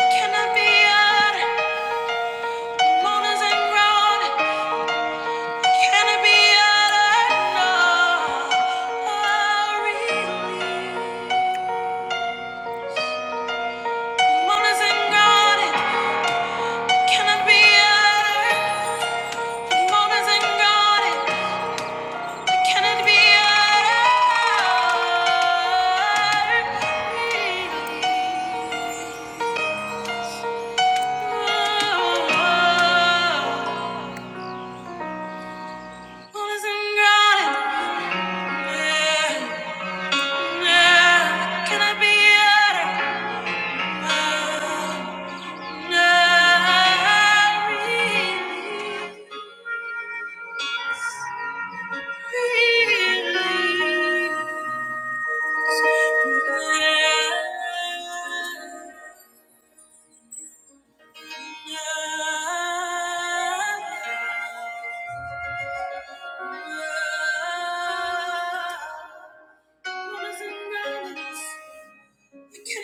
Can I be out? Mona's and grown. Can it be uttered? No, Oh, really. Moan is ingrained. Can it be uttered? Moan is ingrained. Can it be uttered? Moan is ingrained. Can it be uttered? Can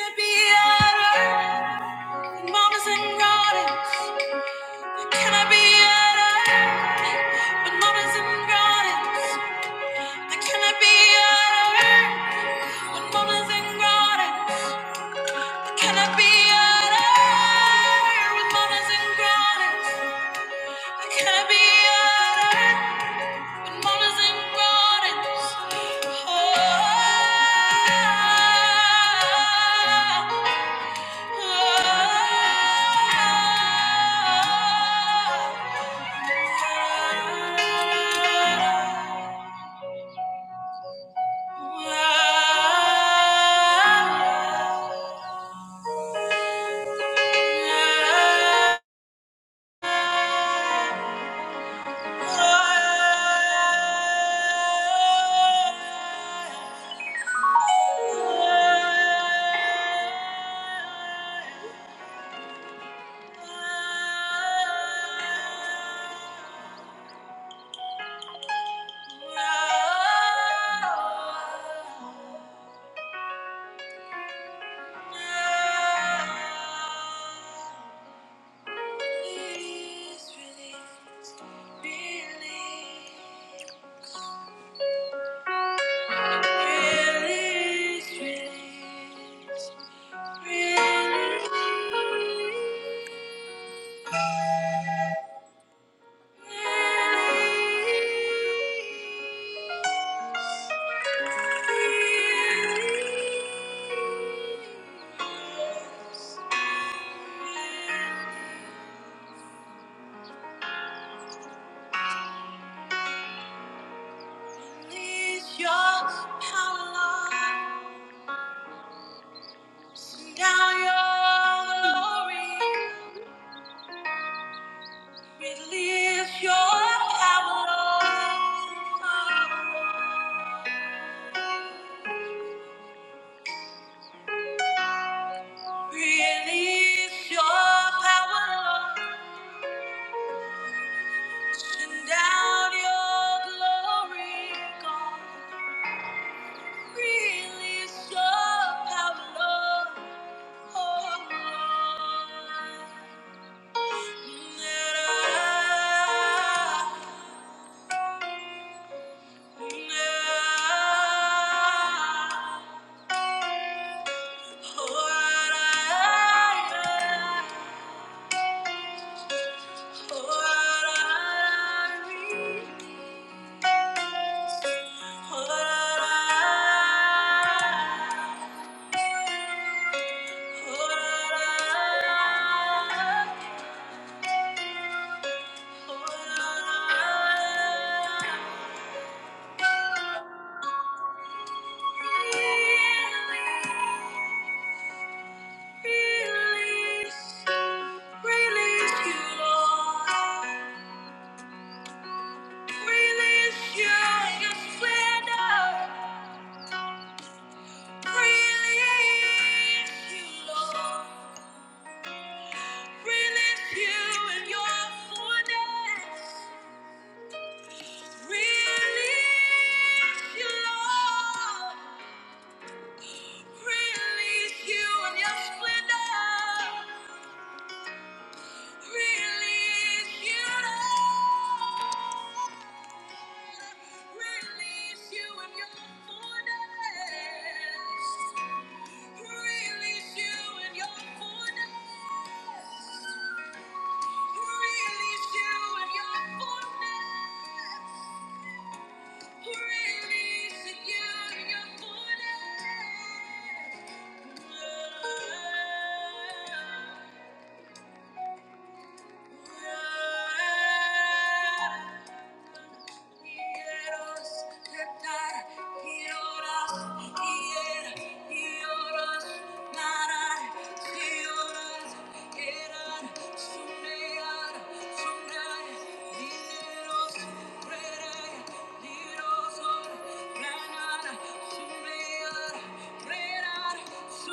I be at her? Mamas and gardens. Can I be at With mamas and gardens. Can I be at With mamas and grannies, I cannot be at With mamas and grannies, I cannot be at With mamas and grannies, oh. oh, oh. Is relief. Your power, Lord. Send Down your glory, release your power, Lord. Release your power, Lord. Send down your glory, God. Release your power, Lord. Oh, Lord. Release, release you, Lord. Release you, your splendor. Release you, Lord. Release you in your fullness. Release you, Lord. Release you in your splendor. Release you, Lord. Release you in your fullness. Release you in your fullness. Release you in your fullness. Releasing you in your fullness. Thank you. Mandela,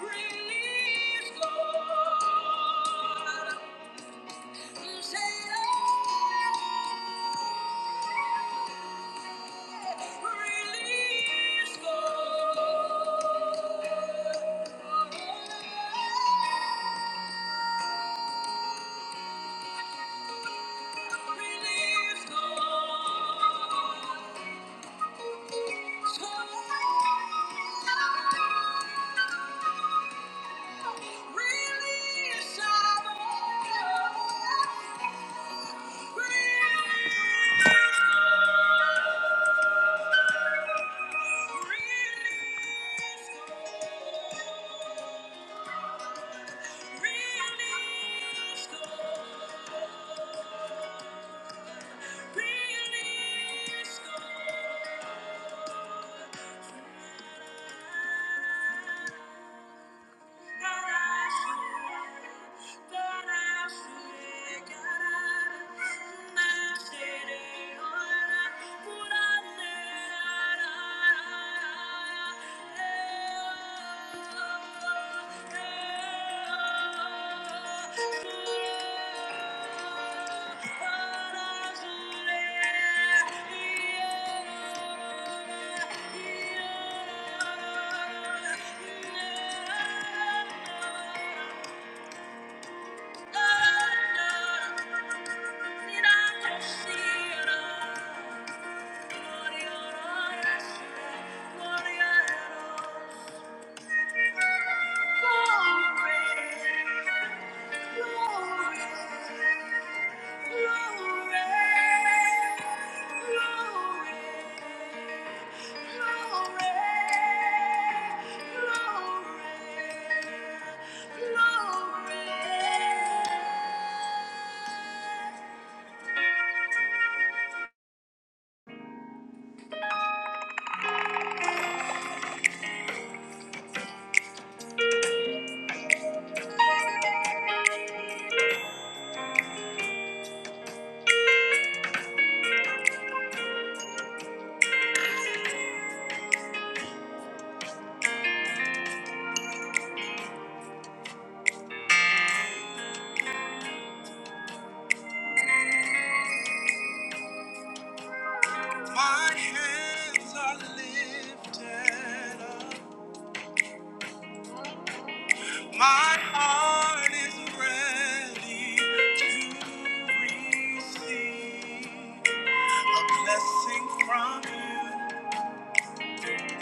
Release, Lord. Say, "Oh, Release, Lord. Release, Lord. Yeah. Thank you. My hands are lifted up. My heart is ready to receive a blessing from you.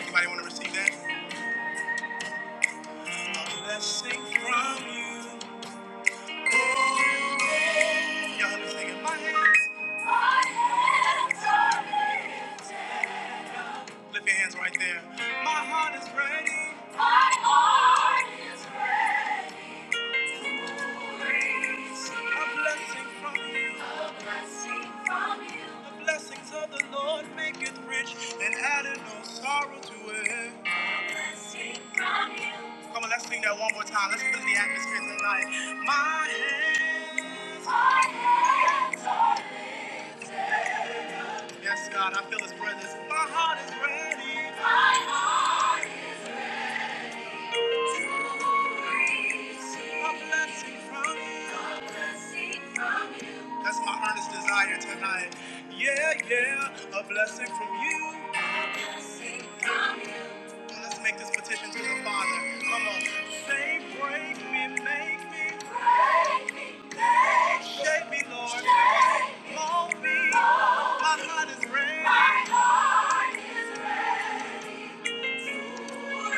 Anybody want to receive that? A blessing from you. Oh, Y'all understand? My hands. My hands are lifted. Lift your hands right there. My heart is ready. My heart is ready to receive a blessing from you. A blessing from you. The blessings of the Lord make rich and added no sorrow to it. A blessing from you. Come on, let's sing that one more time. Let's put it in the atmosphere tonight. My hands. My hands are lifted. Yes, God, I feel his presence. My heart is ready. My heart is ready. to receive A blessing from you. A blessing from you. That's my earnest desire tonight. Yeah, yeah, a blessing from you. A blessing from you. Let's make this petition to the Father. Come on. Say, break me, make me. Break me, make me. Shape me, Lord. Shape me. Mold me. My heart is ready. My heart is ready to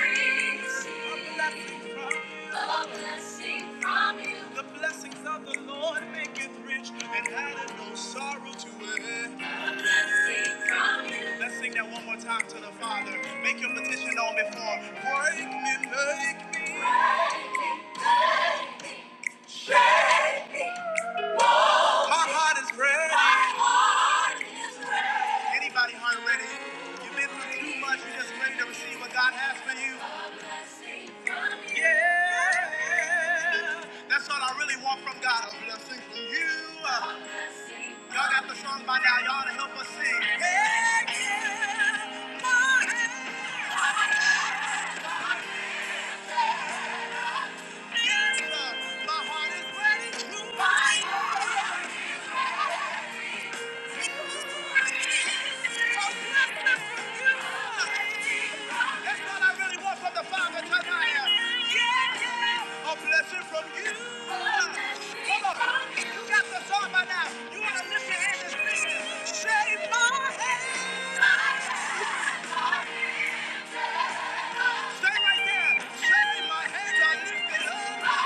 receive the blessing from you. The blessings of the Lord make it rich and addeth no sorrow to it. The blessing from you. Let's sing that one more time to the Father. Make your petition known before. Break me, break me. Break me, break me. Shake me. My heart is ready. My heart is ready. Anybody heart ready? You've been through too much. You're just ready to receive what God has for you. Yeah. That's all I really want from God. A blessing from you. Y'all got the song by now. Y'all ought to help us sing. Yeah, yeah. My heart is ready. my heart is ready to receive. A blessing from you. That's what I really want from the Father tonight. A blessing from you. Come on. You got the song by now. You want to lift your hands and sing. Shave my hands. Stay right there. Shave my hands. I lift it up.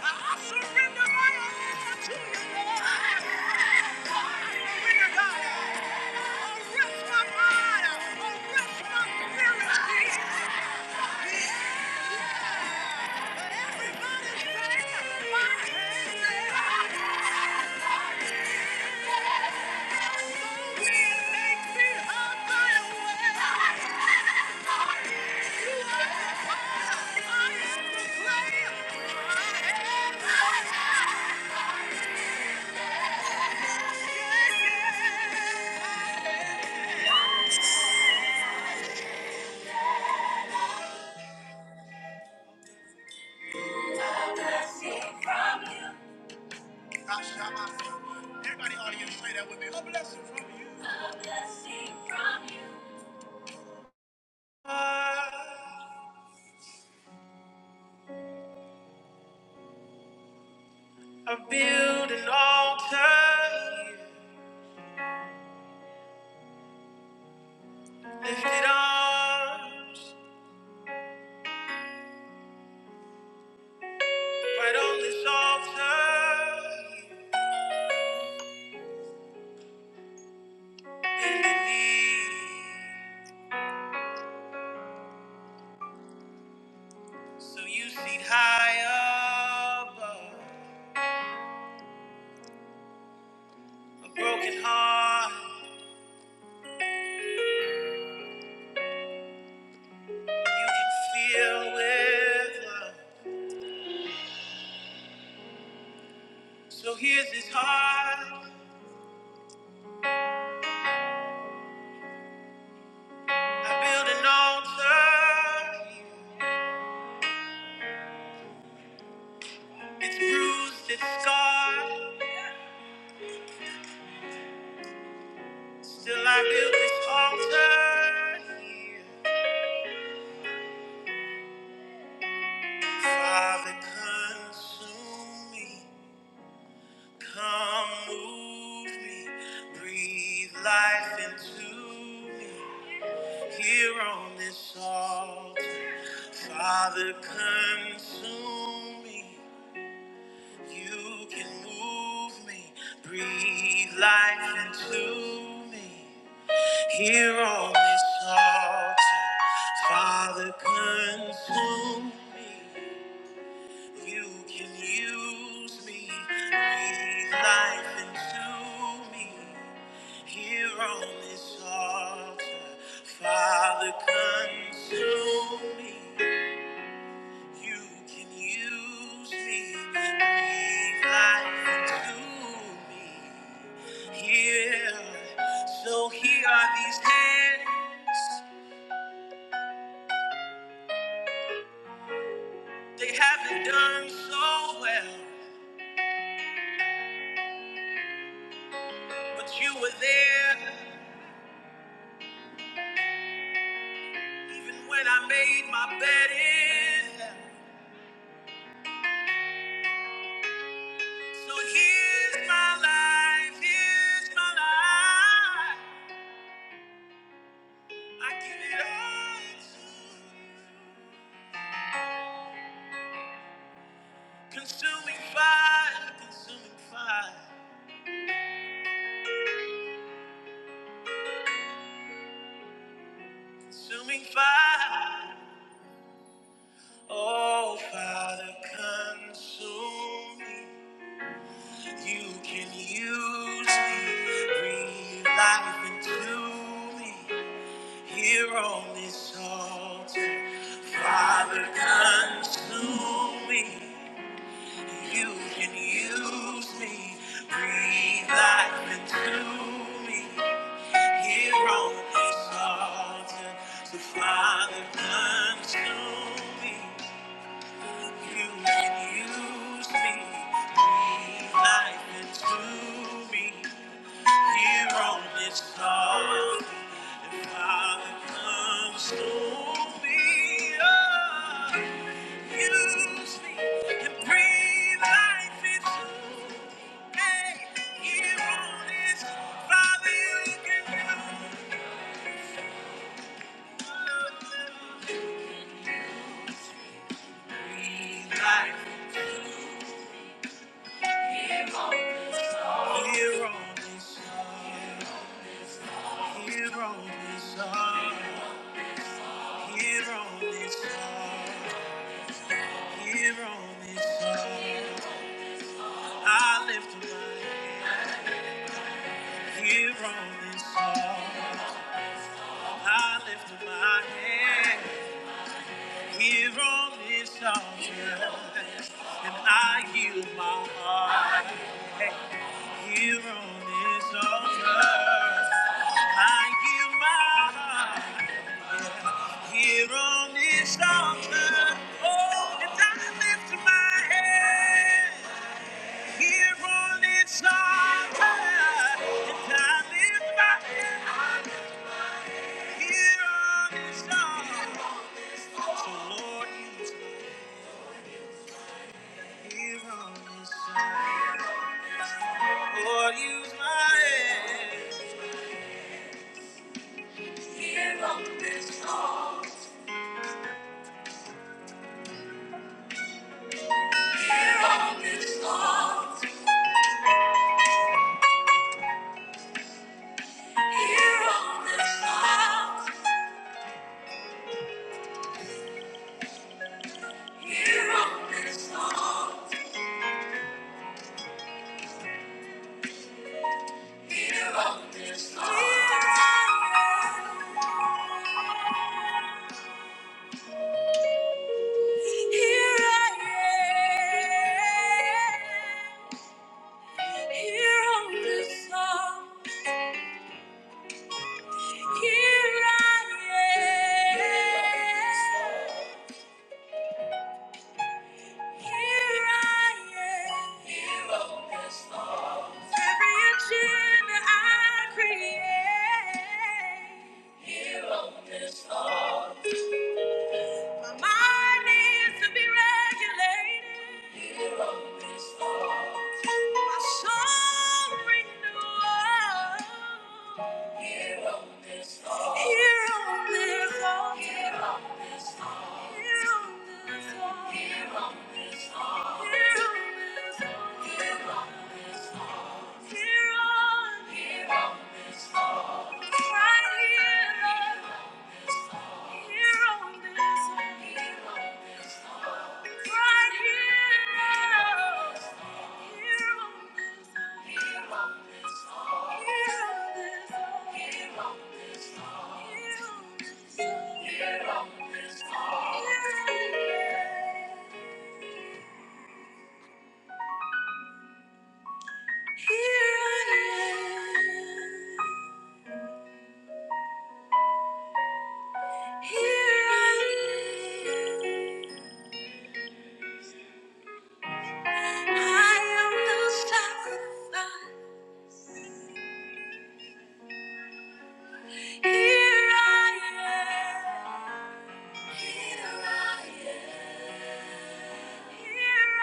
I surrender my own desire. Blessing from you. Everybody in the say that with me. A blessing from you. A blessing from you. I build an altar, lifted arms, right on this altar, in the knee. So you see high above a broken heart, you can feel with love. So here's this heart, I build an altar. It's bruised, it's scarred. Still, I built this altar here. Father, consume me. Come move me. Breathe life into me. Here on this altar. Father, consume me. You can move me. Breathe life into me. Here on this altar, Father, consume me. You can use me, breathe life into me. Here on this altar, Father, consume me. You can use me, breathe life into me. Here, so here are these hands. They haven't done so well, but you were there even when I made my bed in hell. So here's my life, here's my life. I give it all to you. Consuming fire, consuming fire, consuming fire. Oh, Father, consume me. You can use me, breathe life into me here on this altar. Father, consume me. You can use me, breathe life into me here on this altar. So, Father, consume me. You can use me, breathe life into me. Here on this song, the Father comes to me. Oh, use me and breathe life into me. Here on this, Father, you can use life. Here on this, here on this song, here on this song, here on this song, I lift my hand. Here on this song. I lift my hand here on this altar, and I yield my heart here on this altar. I yield my heart here on this altar. Oh, and I lift my hand here on this altar, and I lift my hand here on this altar. So Lord, use me here on this Lord, use my head. Here on this cross, here on this cross, here on this cross, here on this cross, here on this cross. Here I am, here on this cross, here I am. Every agenda I create, my mind needs to be regulated, my soul renewed. Here on this altar, here on this altar, here on this altar, here on, here on, right here, Lord, here on this altar. Here I am. I am the sacrifice. Here I am. Here I am. Here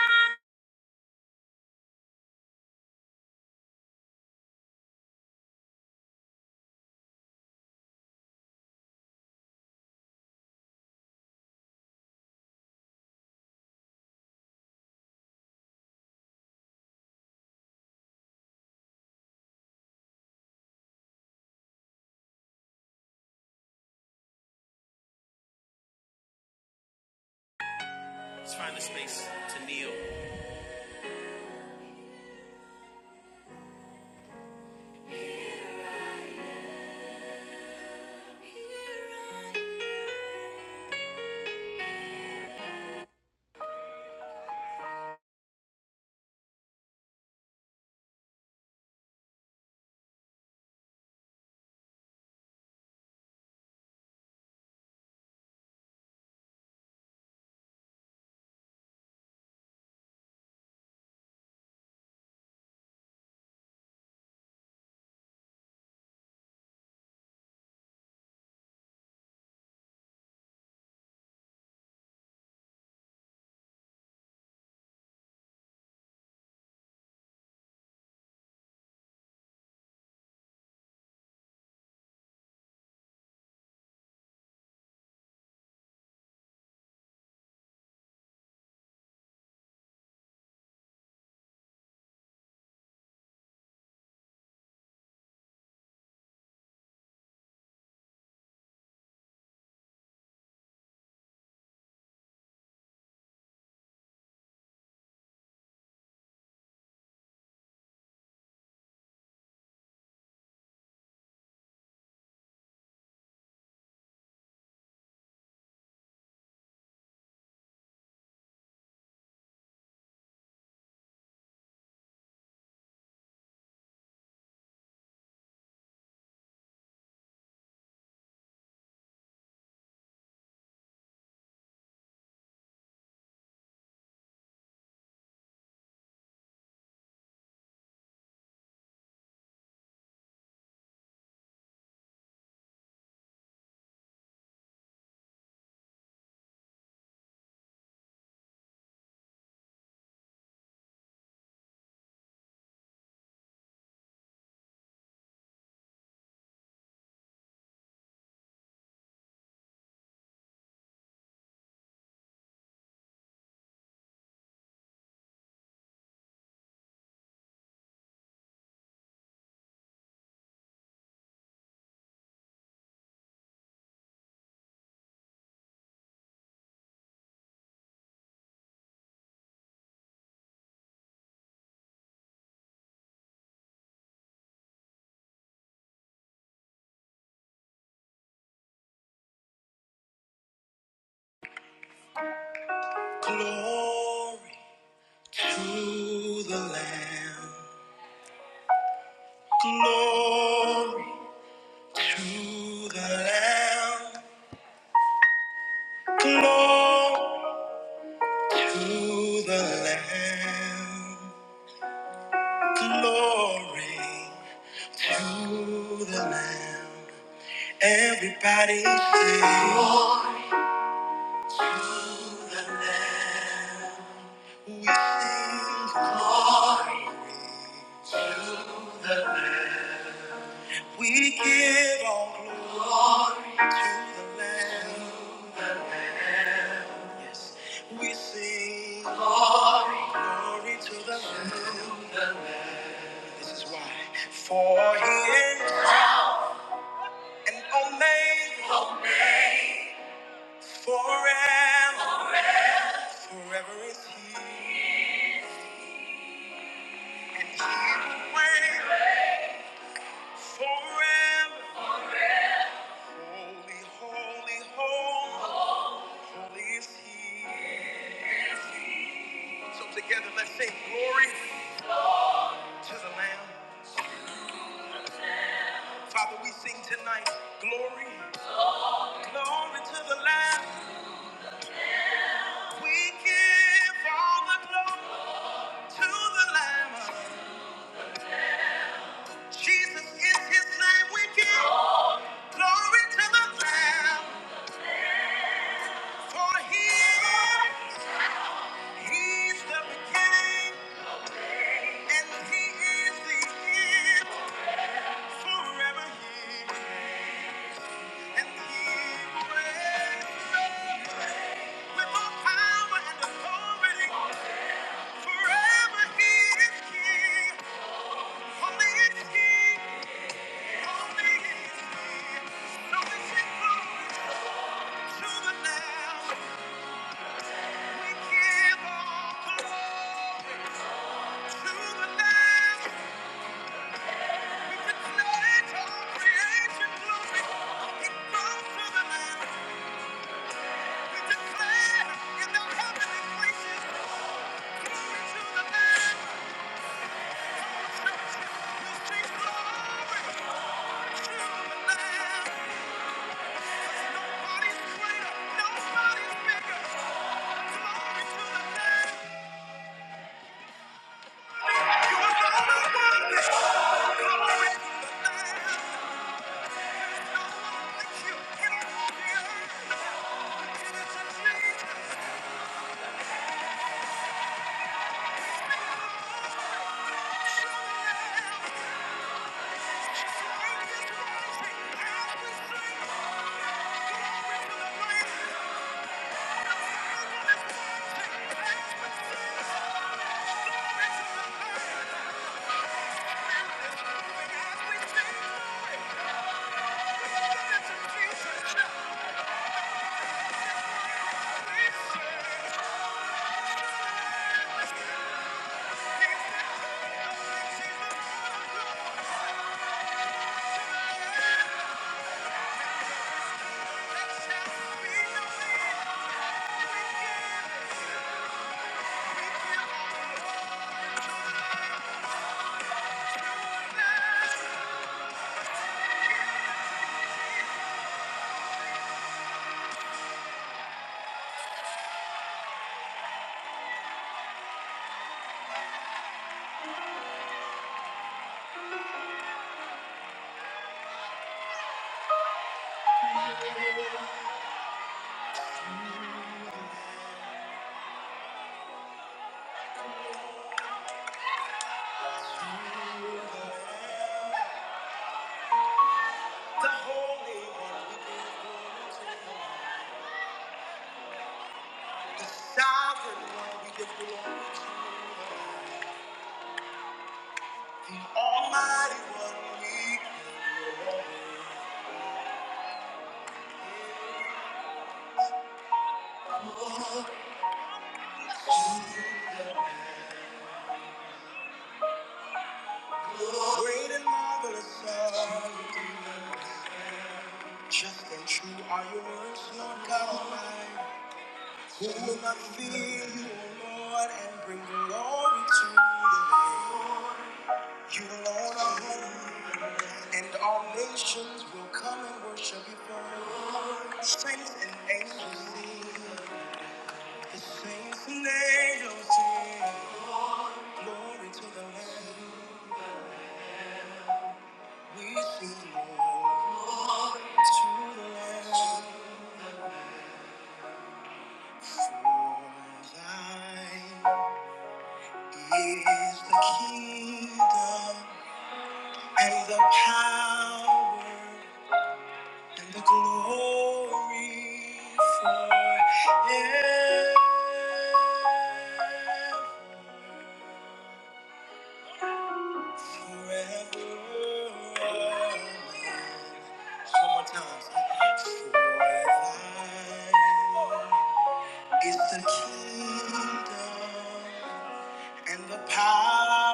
I Glory to the Lamb. Glory to the Lamb. Glory to the Lamb. Glory to the Lamb. Everybody say, Glory to the Lamb. We sing glory. We give all glory to the Lamb. Yes. We sing glory to the Lamb. This is why. For he is an omega forever. Forever is he. And he will reign forever. Holy, holy, holy. Holy is he. So together let's sing glory to the Lamb. Father, we sing tonight, glory, glory to the Lamb. We give all the glory to the Lamb. Jesus is his name. We give glory to the Lamb. For he, he's the beginning and he is the end. Forever he, and he will reign with all power and authority. Forever he is king. Holy is he. Nobody's greater, nobody's bigger. Glory to the Lamb. The Holy, Sovereign One, we give glory to the Great and marvelous are you, just and true are your words, Lord God Almighty. Who will not fear you, O Lord, and bring glory to you? You alone are holy, and all nations will come and worship before you. Saints and angels sing, the saints and angels sing. Glory to the Lamb, we sing glory to the Lamb. For thine Is the kingdom and the power and the glory forever, forever. One more time. For thine is the kingdom and the power.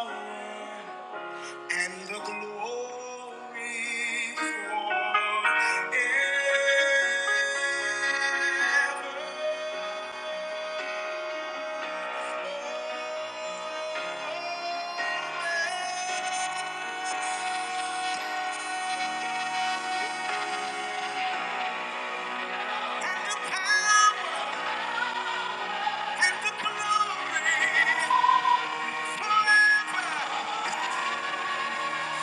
forever,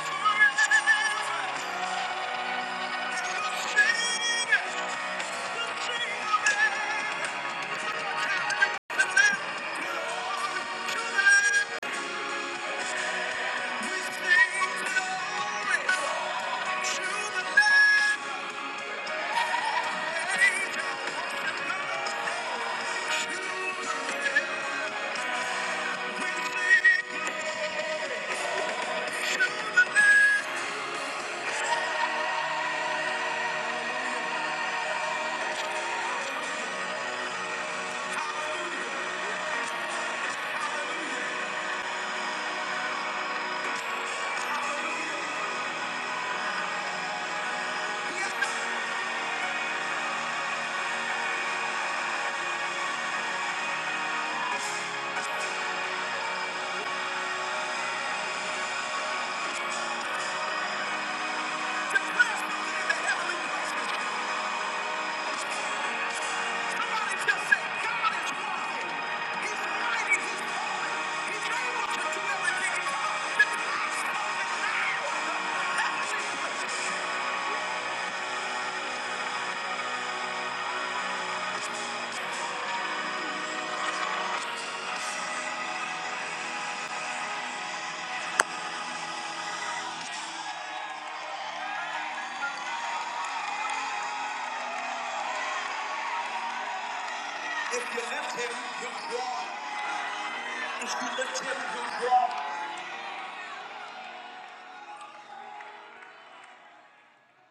forever?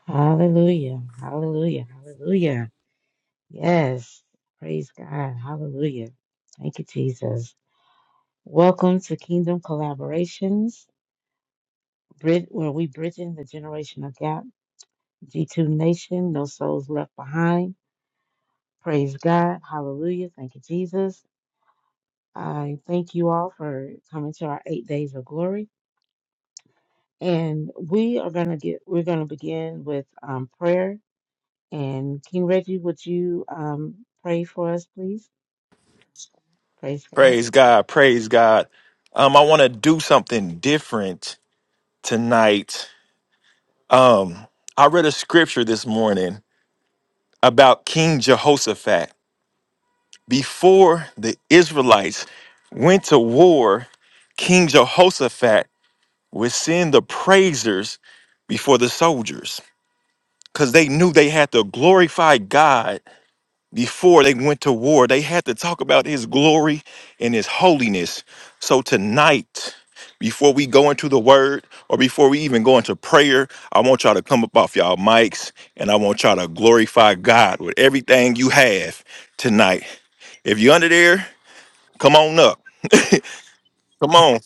Hallelujah. Hallelujah. Hallelujah. Yes. Praise God. Hallelujah. Thank you, Jesus. Welcome to Kingdom Collaborations, Brid- where we bridging the generational gap. G2 Nation, no souls left behind. Praise God. Hallelujah. Thank you, Jesus. I thank you all for coming to our eight days of glory. And we are gonna get we're gonna begin with um, prayer. And King Reggie, would you um, pray for us, please? Praise God. Praise God. Praise God. Um, I want to do something different tonight. Um, I read a scripture this morning about King Jehoshaphat. Before the Israelites went to war, King Jehoshaphat would send the praisers before the soldiers because they knew they had to glorify God Before they went to war, they had to talk about his glory and his holiness. So tonight, before we go into the word or before we even go into prayer, I want y'all to come up off y'all mics and I want y'all to glorify God with everything you have tonight. If you're under there, come on up. Come on.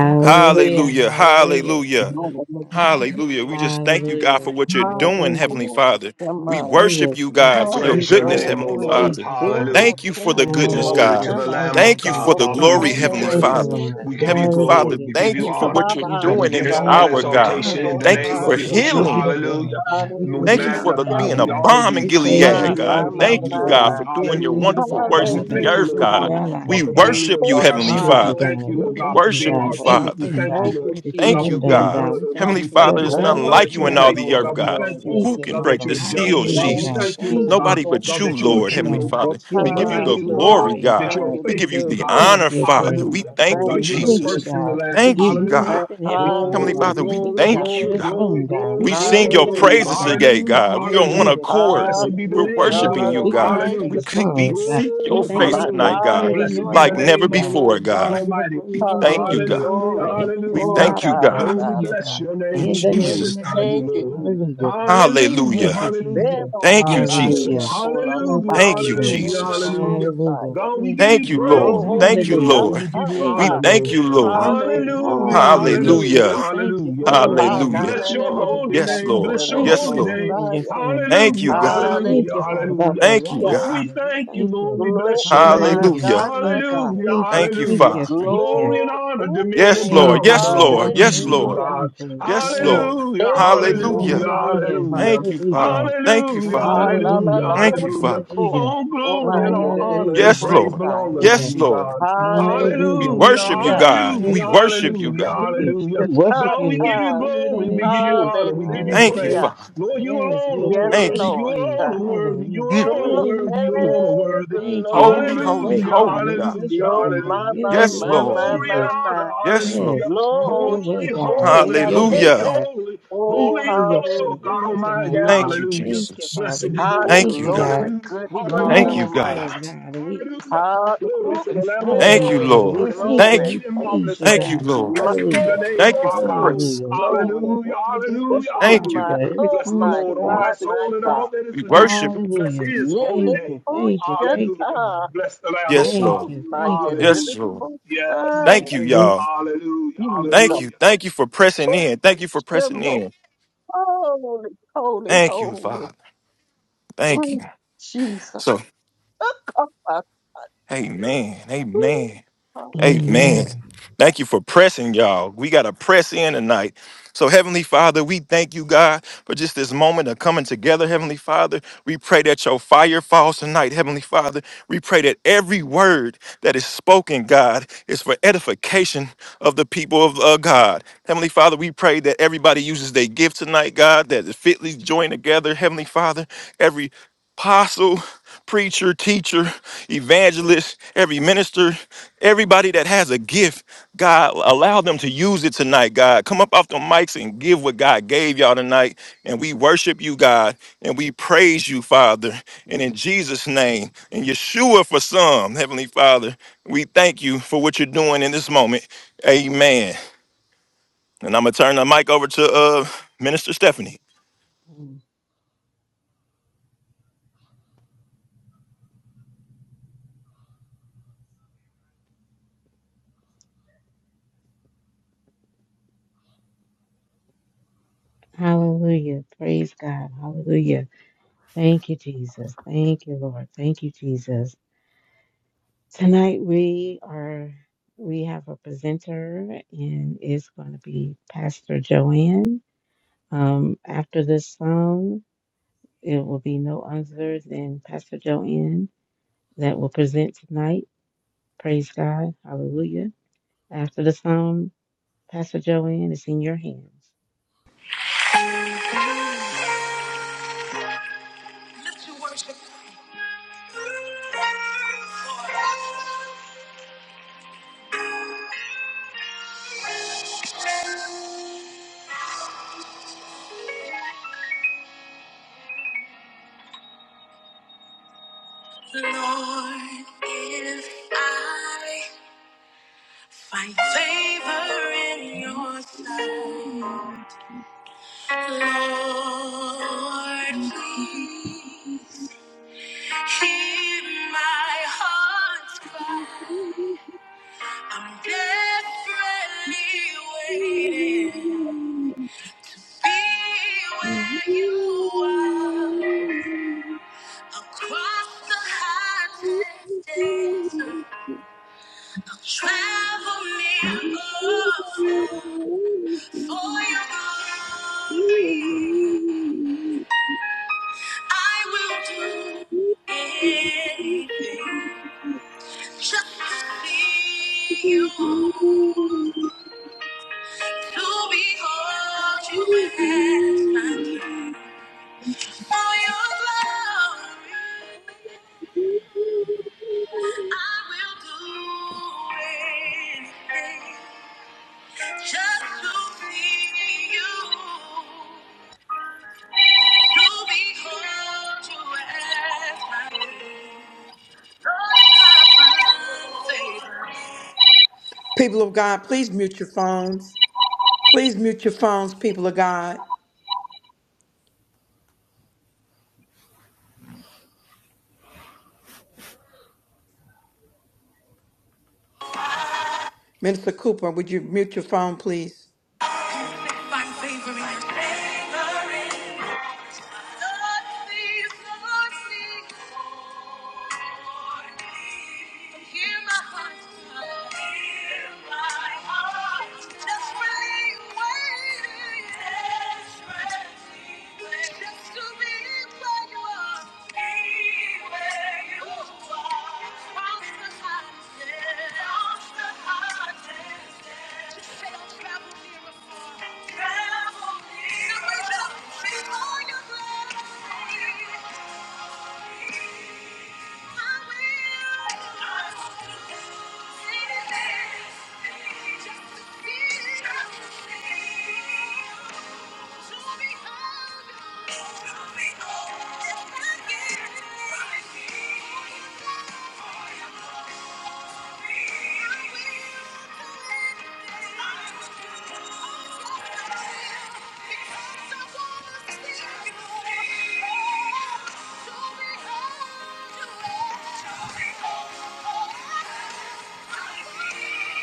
Father, Hallelujah. Hallelujah. Hallelujah. Praise Lord, God. Hallelujah. We just thank you, God, for Hallelujah. what you're doing, Hallelujah. Heavenly Hallelujah, Father. We worship Hallelujah. you, Thank God, you, for Father, your Praise Jesus. your goodness, name, O We Heavenly glory, Lord. praise Father. you, God. Hallelujah. Devil, Thank you for sinner, the and the goodness, most Glory God. to Hallelujah. the sinner. Thank Lamb you, of Thank you for God. Oh, the Jesus. Father, we glory, give you Heavenly Thank you, praise. Father. Lord. We give hallelujah. you Heavenly glory. Father, Hallelujah, We give God. thank you you for honor. We what you're give you Kababa, God, we the doing in give you this praise all hour, Shadanda, and the the God. exaltation honor, in Devil, the Thank God. you name of for Son, We Yahushua. give you healing. the Hallelujah. glory, God. We And we give Thank you you the for hallelujah. the magnify, honor, being we a God. honor bomb in you. We God, praise we Gilead, My, you for God. my, my, glorify being the Thank you, you, oh my, God, God. glory. my, for We doing your thank Hallelujah. you, wonderful God, for God, works we in having the thank you, earth, Lord presence in God. God. our hallelujah. We God, lives, for God. being, oh worship you, Oh, God, our Heavenly strength. We Hallelujah, Father. thank God. you, We Lord We God, thank for you, worship being hallelujah. you, God, our for truth. We Father. everything, thank you, God, Thank Lord you, We that you thank God, for have you, Jesus. done, being God. God. good. We Oh thank God, you Heavenly we for your Father, thank you, there's Thank glory nothing for God, like that you you're in you, showing all up, the faithful. God. earth, glory, God, we God. thank glory, you, Thank Who glory. you, can God, that break Father. the you're just. seals, Oh God, Hallelujah, we Thank God. you, Jesus? thank you, Lord Thank you, God, Nobody Jesus. thank but God, you, you, that you are thank Lord, you, Heavenly true. Oh God. God, Father. It's You're We we give you time. worthy thank the you, to Lord be glory, God, Glory. praised, that God. Thank you're God. you, We give you faithful. Oh the God, Yours Jesus. is honor, good glory Father. and We hallelujah. honor too. thank you, Thank God, We you're the thank you, Jesus. you, first first and God. Jesus. the We last. Thank give you, you Hallelujah. God. thanks Thank in everything, Heavenly Glory, God. Father, we We glory, thank Hallelujah. you thank for you, glory, this God. glory, room, God. glory, We We thank you sing glory, for your the glory. people, praises Hallelujah. God. today, Hallelujah. God. We are on one Hallelujah. Hallelujah, God. In accord. the Ah, Blessed be name the We're good of name of Jesus. the worshiping God you, Lord. We thank you God. for Almighty. We, the Hallelujah. we song, God. seek We your Glory, thank face you My for your tonight, hallelujah. God, spirit and Blessed your be like the never name anointing, of hallelujah. the God. before, Lord We God God. give you the Almighty. We praise and thank Hallelujah. you, glory, God. God, Hallelujah, for Glory. We everything, hallelujah. Oh God, thank you, God, oh God. pertaining Lord, to we God, you, oh God. bless God. your name. In We In the Jesus' name of name. glorify you, Thank Jesus. you, Lord. Jesus. Hallelujah, God. Hallelujah, Thank Hallelujah. you, Eh, hallelujah. Jesus. ba, ba, Thank you, ba, Yes, Lord. sha, Hallelujah. Jesus. ko, la, la, Thank ba, Hallelujah, you, Thank you, ya, da, Jesus. da, da, hallelujah, da, da, Jesus. bo, hallelujah. ba, Hallelujah. ya. God, we Thank give you, Thank you you, Jesus. praise, Lord. we Glory. give you Thank you, Ah, Hallelujah. glory, Lord. we give ah, you Thank We honor, ah. you, thank Lord. you, Jesus. Lord. Thank you. Hallelujah, Hallelujah. Hallelujah. hallelujah, Hallelujah. We thank you hallelujah, for the Lord. Lamb. Hallelujah. We Bless your thank you, Hananemos, holy God. Yes, name, We Lord. bless your thank you Yes, holy for Lord. name. sending your Yahoranabosaya. Son, God. Thank you, Hallelujah, We God. Hallelujah. hallelujah, thank you, Father God, hallelujah. for Thank you, life, Lord, God. we Father. We thank you, thank Lord, you. we Lord, bless your my name. Hallelujah. Hallelujah. God, my Thank you. God. Hallelujah, Thank you. Thank you, Thank hallelujah. you. Father. Thank you. Glory and Lord, honor, dominion Yes, ooh, and Lord. Thank power Yes, you. belong In Lord. unto the you to Yes, you, name oh of Lord. hallelujah. God. Jesus. Yes, Yes. Lord. Hallelujah, Hey, good hallelujah, Hallelujah. God Hallelujah. hallelujah, Thank Almighty. you, Hallelujah. Father. Thank you, hallelujah, Father. hallelujah, Hallelujah, Hallelujah. Thank you, hallelujah. Father. hallelujah, All Oh, glory my, and all honor and hallelujah, Yes, praise Lord. belong Yahoranabosaya. unto Yes, hallelujah, you, Lord. God. We hallelujah. Hallelujah, worship you, Hallelujah. Thank you, God. We hallelujah, thank you, worship thank you, you, hallelujah, God. thank you. hallelujah. We worship God, we you give in you Hallelujah. spirit glory, and we in give you truth. honor, we give you Thank you, Hallelujah. praise. Hallelujah. Father. Lord, you Yes, alone we have are Yes, to Thank worthy, you. worship you Lord. you, alone are Father, worthy, you in Mm. alone are spirit Glo- and in worthy, you truth. alone are hey, worthy. Thank you. Have Holy, Glory. your holy, way, Hallelujah, holy Father, in God. this hallelujah, Lo room, ma God, hallelujah. in the ma Yes, ma name of Lord. ma Glory ma Jesus. ma. and honor. Yes, Lord. Yes, Hallelujah. have Holy, your Lo way, God. holy, Have shakoya your holy, way, Hallelujah. tepe. God. holy. Speak Holy Oh through is the your Lord God presenter tonight, Almighty. hallelujah. Thank God. you, Hallelujah. Thank you, Jesus. Father. Blessed We be the Hot Thank Lord. thank you, you, God. glory, God. Hallelujah. good We deny God Thank Hallelujah. you, Hallelujah. Almighty. ourselves, God. God, and we Hallelujah. pick up Hot the Glory cross oop, to and the Lamb follow of Thank you, you, God. Father. hey Lord. We Bless his thank you. glory. Thank you. We holy and praise marvelous you, Thank you, name. God. Lord. My Blessed be hey, the Hallelujah. name Thank of you our for God. hey, grace. Hallelujah. No glory. weapon Hallelujah. formed against us Hallelujah. shall Oh Thank you, my prosper. Hallelujah. God. Every oh Bless the tongue my shall Lord, O my rise God, my soul, and against us. God. all that is We within me. worship you. Bless Hallelujah. his Yeah, holy Thank eh, you. name. oh Thank you. Thank you, Hallelujah. shaka. Father. Bless the Lamb of Yes, Thank God. Ooh, Lord. you. my Thank yeah, you. da, da, Hallelujah. Yes, da, Lord. da, Yes, da, da, da, Thank Lord. you, Hallelujah. y'all. Hallelujah. da, da, Thank da, you. Hallelujah. Thank you for da, pressing in. Thank you for da, da, pressing da, in. Holy, holy, Thank you, holy. Father. Thank you. Mm, Jesus. So, amen. Amen. Amen. Amen. thank you for pressing, y'all. We gotta press in tonight. So, Heavenly Father, we thank you, God, for just this moment of coming together, Heavenly Father. We pray that your fire falls tonight, Heavenly Father. We pray that every word that is spoken, God, is for edification of the people of uh, God. Heavenly Father, we pray that everybody uses their gift tonight, God, that is fitly joined together, Heavenly Father. Every apostle preacher, teacher, evangelist, every minister, everybody that has a gift, God, allow them to use it tonight, God. Come up off the mics and give what God gave y'all tonight. And we worship you, God, and we praise you, Father. And in Jesus' name, and Yeshua for some, Heavenly Father, we thank you for what you're doing in this moment. Amen. And I'm gonna turn the mic over to uh Minister Stephanie. Hallelujah. Praise God. Hallelujah. Thank you, Jesus. Thank you, Lord. Thank you, Jesus. Tonight we are we have a presenter and it's going to be Pastor Joanne. Um, after this song, it will be no other than Pastor Joanne that will present tonight. Praise God. Hallelujah. After the song, Pastor Joanne is in your hands. Lord, if I find favor in your sight. Lord, please hear my heart's cry. I'm desperately waiting. Be where you are. Across the hottest days. Travel near or for your glory. Hold you and I will back. People of God, please mute your phones. Please mute your phones, people of God. Minister Cooper, would you mute your phone, please? Hear my heart, cry. Hear my heart's cry. Desperately waiting. Desperately waiting. Just to be where you are. Be where you are. Across the hottest desert. Across the hottest desert. Just say I'll travel near and far. Travel near and far. To reach up before your grace. Show me how to Thank you.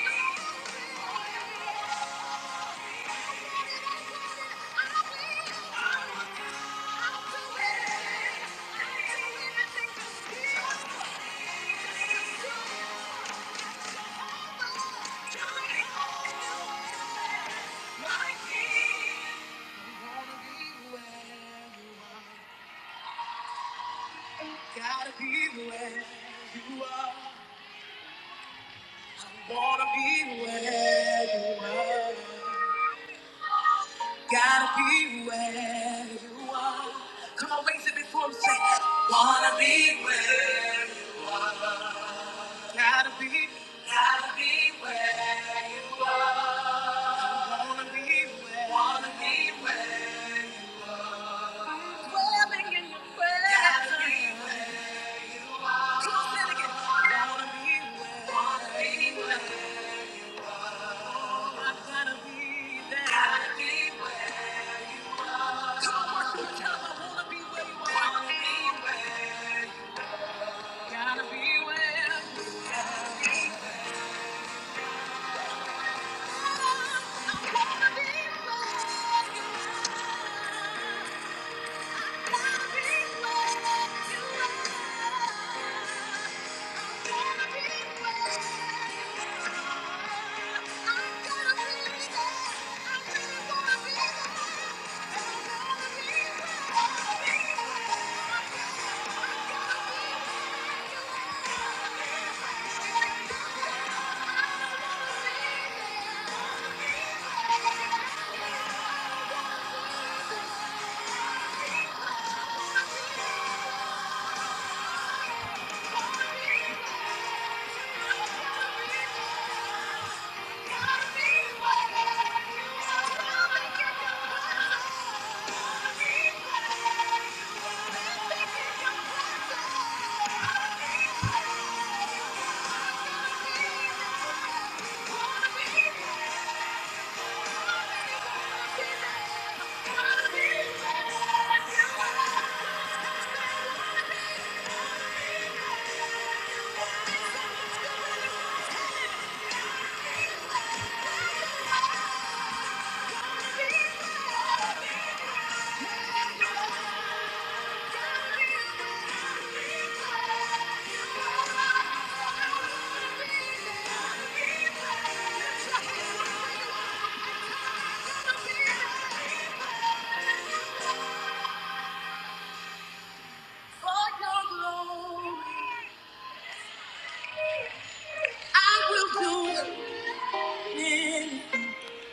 Come on, raise it before him. Say, wanna be where you gotta be, gotta be where you wanna be, where wanna be where. Dwelling in your presence. Gotta be where. Come on, say it again. Wanna be where, wanna be where. Oh, I gotta be.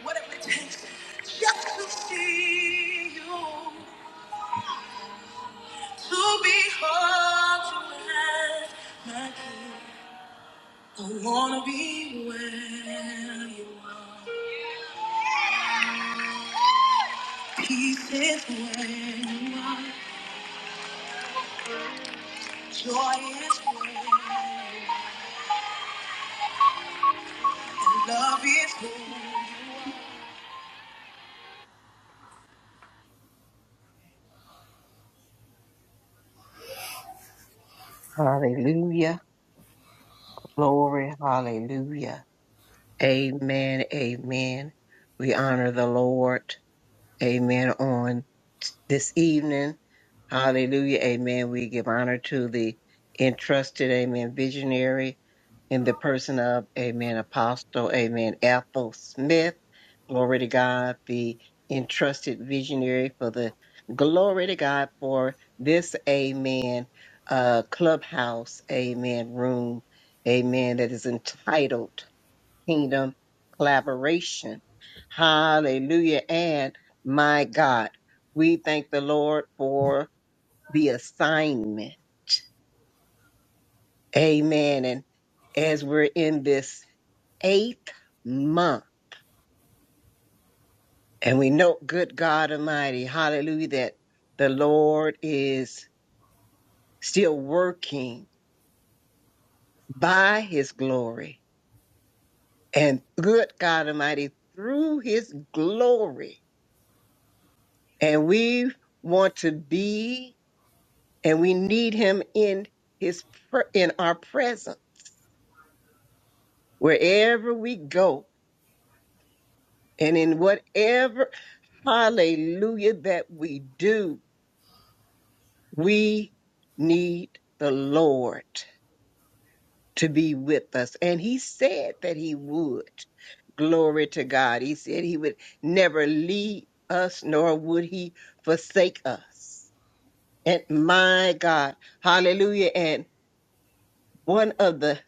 Whatever it takes, just to see you, to behold you as my I wanna be where you are. Peace is where joy is, love is. Hallelujah. Glory. Hallelujah. Amen. Amen. We honor the Lord. Amen. On t- this evening, hallelujah. Amen. We give honor to the entrusted, amen, visionary in the person of, amen, apostle, amen, Ethel Smith. Glory to God, the entrusted visionary for the glory to God for this, amen, uh, clubhouse, amen, room, amen, that is entitled kingdom collaboration. Hallelujah. And my God, we thank the Lord for the assignment. Amen. And as we're in this eighth month, and we know, good God Almighty, hallelujah, that the Lord is still working by his glory and good God Almighty through his glory. And we want to be and we need him in his pre- in our presence wherever we go and in whatever hallelujah that we do we need the lord to be with us and he said that he would glory to god he said he would never leave us nor would he forsake us and my god hallelujah and one of the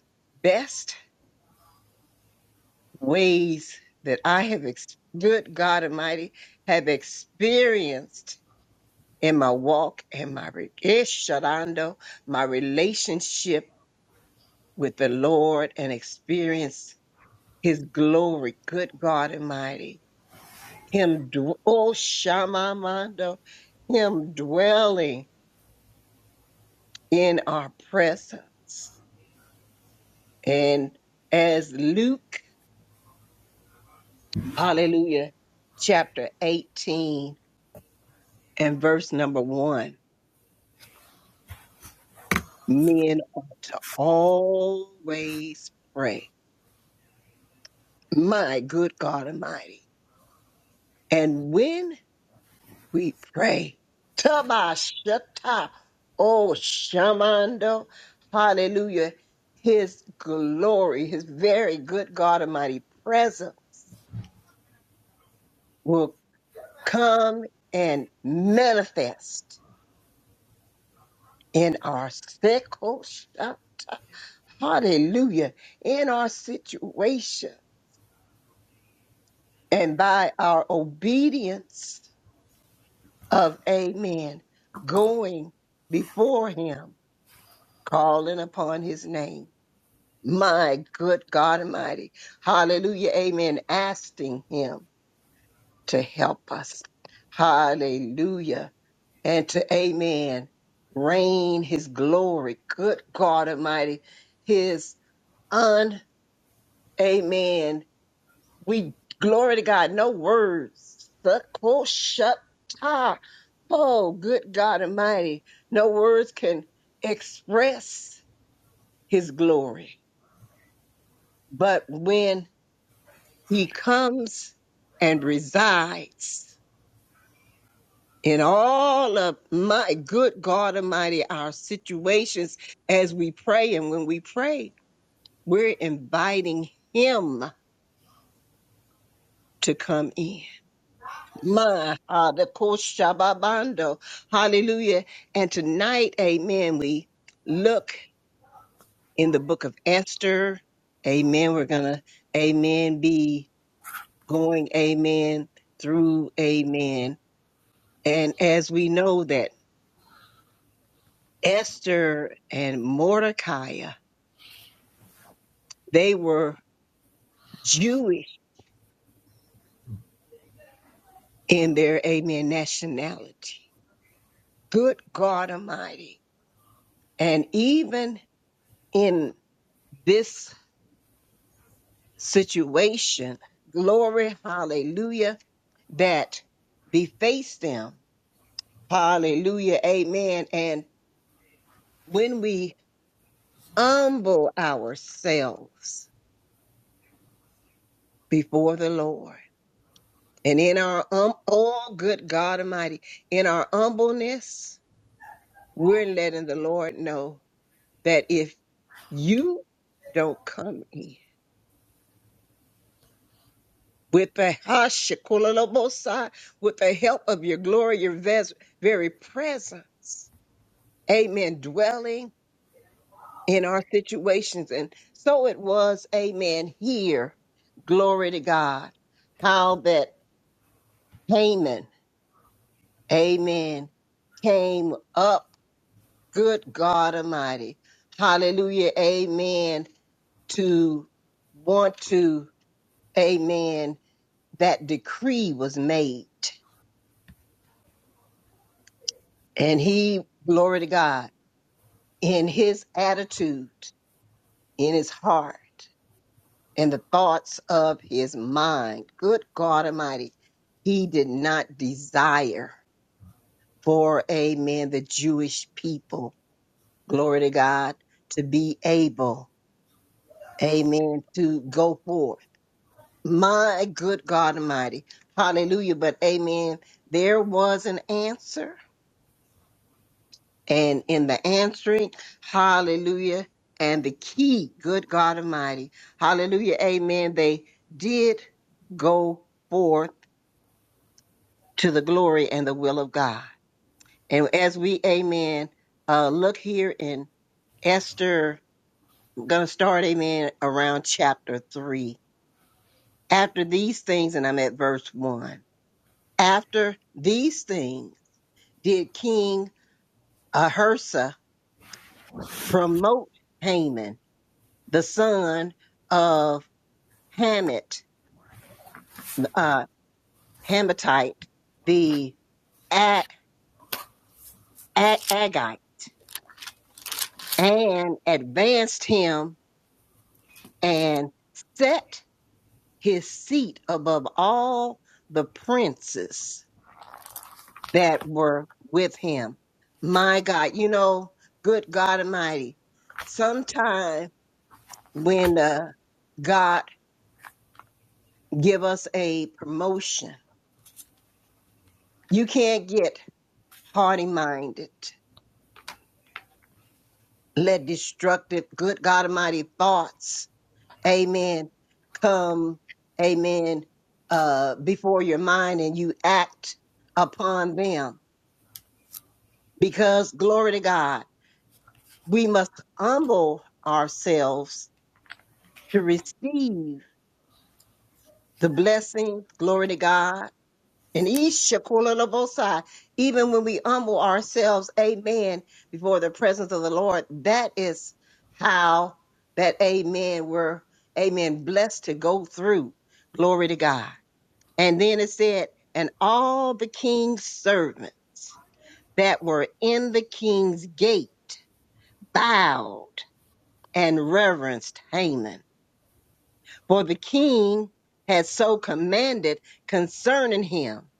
best ways that I have, ex- good God Almighty, have experienced in my walk and my re- ish, shadando, my relationship with the Lord and experience His glory. Good God Almighty, Him, dw- oh Shamamando, Him dwelling in our presence. And as Luke, hallelujah, chapter 18 and verse number one Men ought to always pray. My good God Almighty. And when we pray, Tabashata, oh Shamando, hallelujah, his glory, his very good God Almighty presence will come and manifest in our sickle, Shata, hallelujah, in our situation. and by our obedience of amen, going before him, calling upon his name. My good God Almighty. Hallelujah. Amen. Asking him to help us. Hallelujah. And to amen. Rain his glory. Good God Almighty. His un, amen. We glory to God. No words. Suck, oh, shut, ah. Oh, good God Almighty. No words can express his glory. But when he comes and resides in all of my good God Almighty, our situations as we pray, and when we pray, we're inviting him to come in. My uh, the Koshababando. Hallelujah. And tonight, amen, we look in the book of Esther. Amen. We're going to, amen, be going, amen, through, amen. And as we know that Esther and Mordecai, they were Jewish in their, amen, nationality. Good God Almighty. And even in this situation, glory, hallelujah, that beface them. Hallelujah, amen. And when we humble ourselves before the Lord, and in our, um, oh, good God Almighty, in our humbleness, we're letting the Lord know that if you don't come in with the hashikulalobosa, with the help of your glory, your ves- very presence, amen, dwelling in our situations. And so it was, amen, here. Glory to God. How that Haman, amen, came up. Good God Almighty. Hallelujah, amen, to want to, amen, that decree was made. And he, glory to God, in his attitude, in his heart. and the thoughts of his mind. Good God Almighty. He did not desire for, amen, the Jewish people, glory to God, to be able, amen, to go forward. My good God Almighty. Hallelujah. But, amen, there was an answer. And in the answering, hallelujah. And the key, good God Almighty, hallelujah, amen. They did go forth to the glory and the will of God. And as we, amen, uh, look here in Esther, I'm going to start, amen, around chapter three. After these things, and I'm at verse one. After these things, did King Ahursa promote Haman, the son of Hamet, uh, Hamatite, the A- A- Agite, and advanced him and set his seat above all the princes that were with him. My God, you know, good God Almighty. Sometime when uh, God give us a promotion, you can't get haughty minded. Let destructive, good God Almighty thoughts, Amen, come, Amen, uh, before your mind, and you act upon them because glory to God. we must humble ourselves to receive the blessing. Glory to God. And Ishakulalabosai, even when we humble ourselves, amen, before the presence of the Lord, that is how that amen were, amen, blessed to go through. Glory to God. And then it said, and all the king's servants that were in the king's gate bowed and reverenced Haman for the king had so commanded concerning him.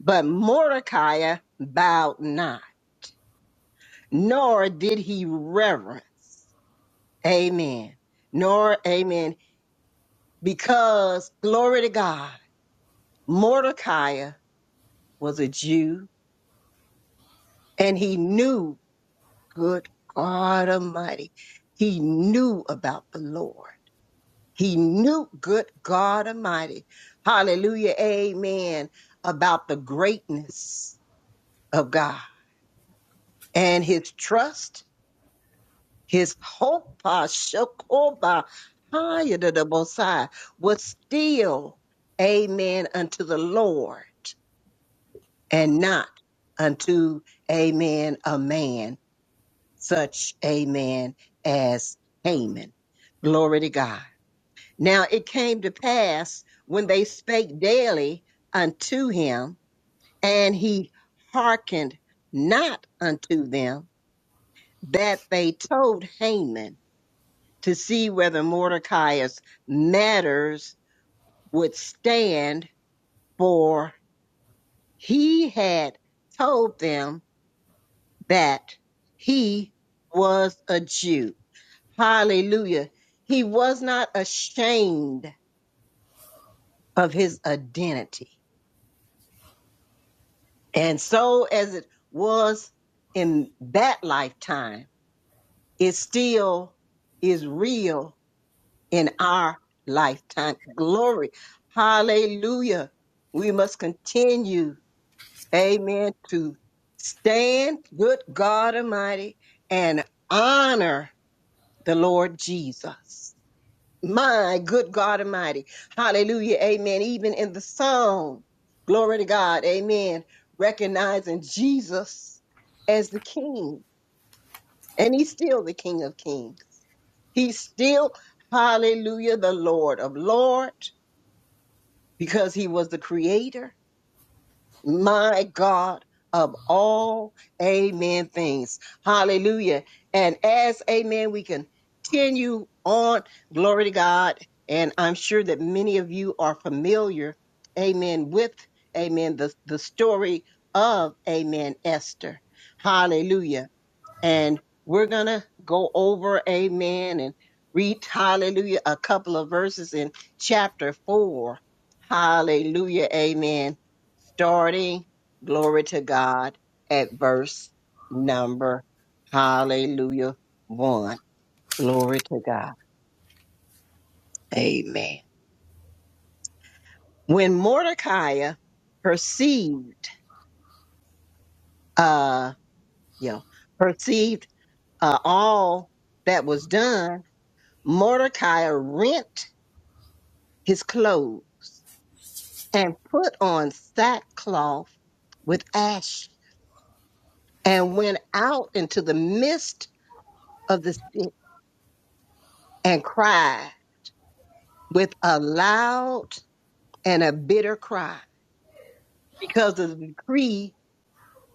But Mordecai bowed not, nor did he reverence. Amen. Nor, amen. Because, glory to God, Mordecai was a Jew and he knew, good God Almighty, he knew about the Lord. He knew, good God Almighty, hallelujah, amen, about the greatness of God and his trust, his hope, ah, Shekoba, higher to the Most High, was still, amen, unto the Lord and not unto, amen, a man, such, amen, as Haman. Glory to God. Now it came to pass when they spake daily unto him, and he hearkened not unto them that they told Haman to see whether Mordecai's matters would stand, for he had told them that he was a Jew. Hallelujah. He was not ashamed of his identity. And so, as it was in that lifetime, it still is real in our lifetime. Glory. Hallelujah. We must continue, amen, to stand, good God Almighty, and honor the Lord Jesus. My good God Almighty. Hallelujah. Amen. Even in the song, glory to God. Amen. Recognizing Jesus as the King, and He's still the King of Kings. He's still, hallelujah, the Lord of Lords. because he was the creator, my God, of all amen things. Hallelujah. And as amen, we continue on. Glory to God. And I'm sure that many of you are familiar, amen, with amen, the, the story of amen, Esther. Hallelujah and we're gonna go over amen and read hallelujah a couple of verses in chapter four hallelujah amen starting glory to god at verse number hallelujah one glory to god amen when mordecai perceived uh you know perceived uh all that was done mordecai rent his clothes and put on sackcloth with ash and went out into the midst of the city and cried with a loud and a bitter cry because of the decree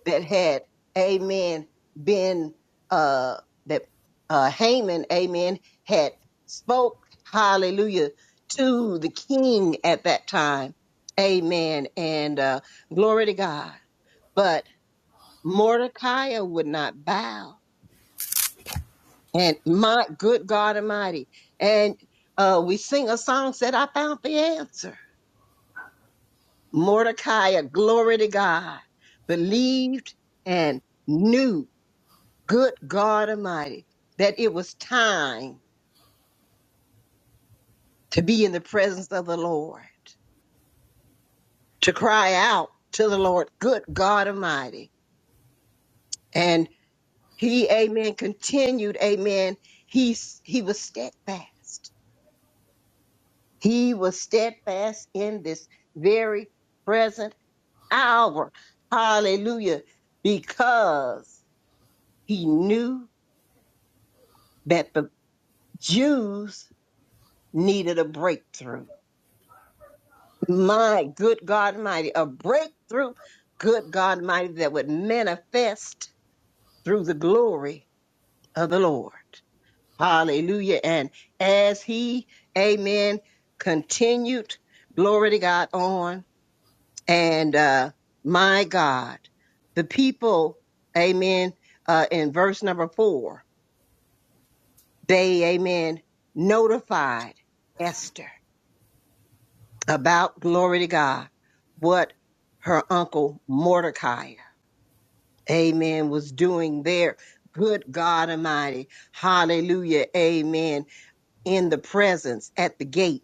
that had, amen, been, uh, that, uh, Haman, amen, had spoke, hallelujah, to the king at that time. Amen. And, uh, glory to God. But Mordecai would not bow. And my good God Almighty. And uh, we sing a song said, I found the answer. Mordecai, glory to God, believed and knew, good God Almighty, that it was time to be in the presence of the Lord, to cry out to the Lord, good God Almighty. And he, amen, continued, amen. He, he was steadfast He was steadfast in this very present hour. Hallelujah. Because he knew that the Jews needed a breakthrough. My good God Almighty, a breakthrough, good God Almighty, that would manifest through the glory of the Lord. Hallelujah. And as he, amen, continued, glory to God, on. And uh, my God, the people, amen, uh, in verse number four, they, amen, notified Esther about, glory to God, what her uncle Mordecai, amen, was doing there. Good God Almighty, hallelujah, amen, in the presence at the gate,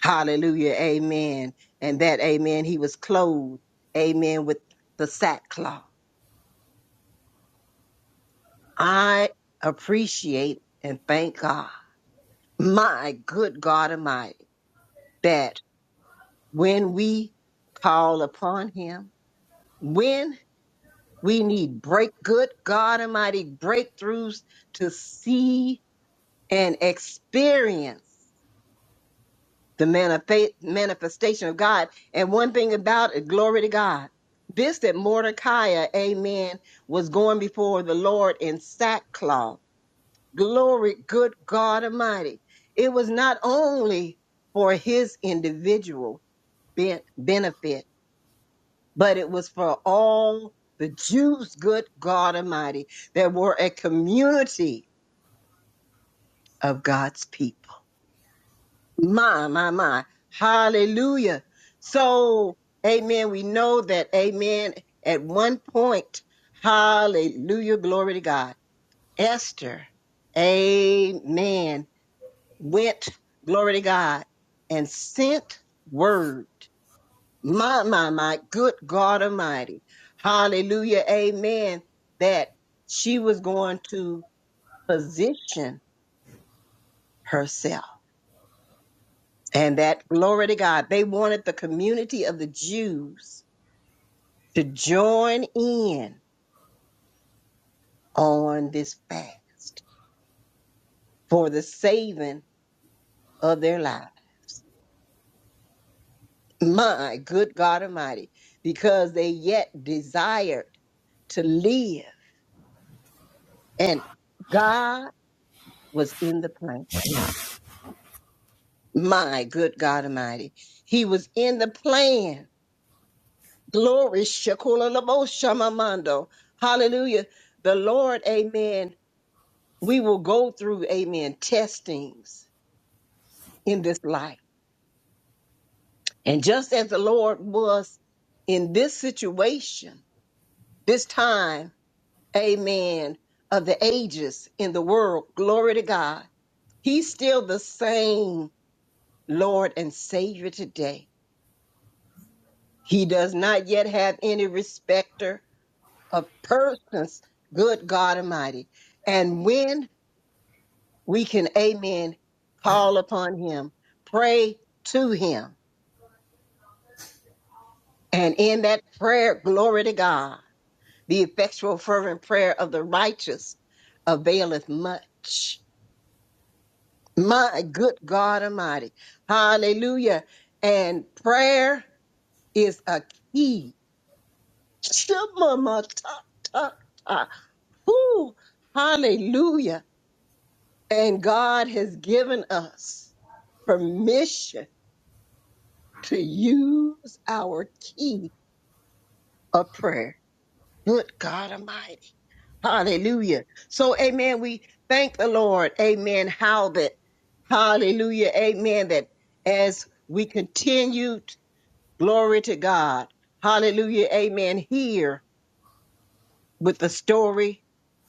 hallelujah, amen. And that, amen, he was clothed, amen, with the sackcloth. I appreciate and thank God, my good God Almighty, that when we call upon Him, when we need break, good God Almighty breakthroughs to see and experience the manife- manifestation of God. And one thing about it, glory to God. This that Mordecai, amen, was going before the Lord in sackcloth Glory, good God Almighty. It was not only for his individual ben- benefit, but it was for all the Jews, good God Almighty, that were a community of God's people. My, my, my. Hallelujah. So, amen. We know that, amen, at one point, hallelujah, glory to God. Esther, amen went, glory to God, and sent word. My, my, my, good God Almighty. Hallelujah. Amen. That she was going to position herself. And that, glory to God, they wanted the community of the Jews to join in on this fast for the saving of their lives. My good God Almighty, because they yet desired to live And God was in the plan. My good God Almighty. He was in the plan. Glory. Shakula labo shamamando. Hallelujah. The Lord, amen. We will go through, amen, testings in this life. And just as the Lord was in this situation, this time, amen, of the ages in the world, glory to God. He's still the same Lord and Savior today. He does not yet have any respecter of persons, good God Almighty. And when we can, amen, call upon him, pray to him. And in that prayer, glory to God, the effectual, fervent prayer of the righteous availeth much. My good God Almighty. Hallelujah. And prayer is a key. Shema Whew, hallelujah. And God has given us permission to use our key of prayer. Good God Almighty. Hallelujah. So, amen. We thank the Lord. Amen. How that, hallelujah. Amen. That as we continue, glory to God. Hallelujah. Amen. Here with the story,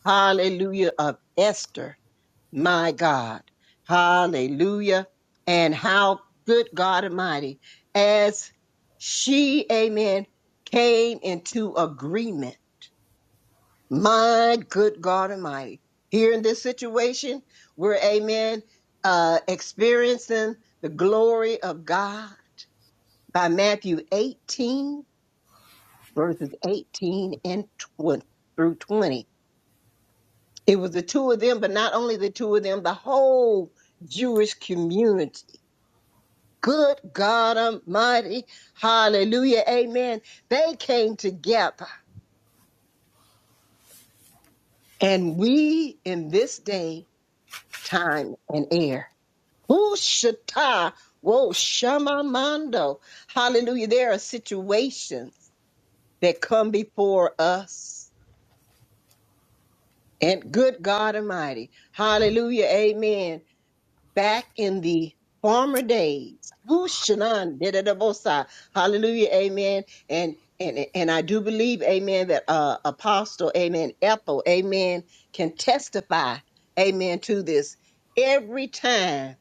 hallelujah, of Esther. my God. Hallelujah. And how good God Almighty, as she, amen, came into agreement. My good God Almighty. Here in this situation, we're, amen, uh, experiencing the glory of God by Matthew 18, verses 18 and 20 through 20. It was the two of them, but not only the two of them, the whole Jewish community Good God Almighty. Hallelujah. Amen. They came together and we in this day, time and air. Who shata? Whoa, shamamando. Hallelujah. There are situations that come before us. And good God Almighty. Hallelujah. Amen back in the former days. Whooshanan, da-da-da-bosa. Hallelujah, amen. And and and I do believe, amen, that uh apostle, amen, Ethel, amen, can testify, amen, to this every time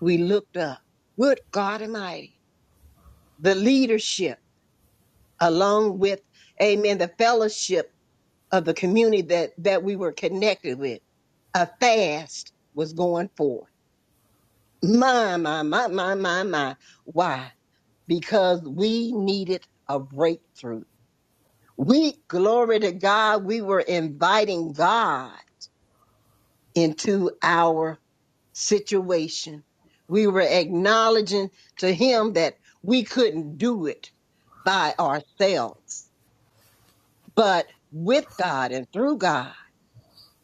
we looked up. Good God Almighty, the leadership, along with, amen, the fellowship of the community that that we were connected with. A fast was going forth My, my, my, my, my, my. Why? Because we needed a breakthrough. We, glory to God, we were inviting God into our situation. We were acknowledging to Him that we couldn't do it by ourselves, but with God and through God,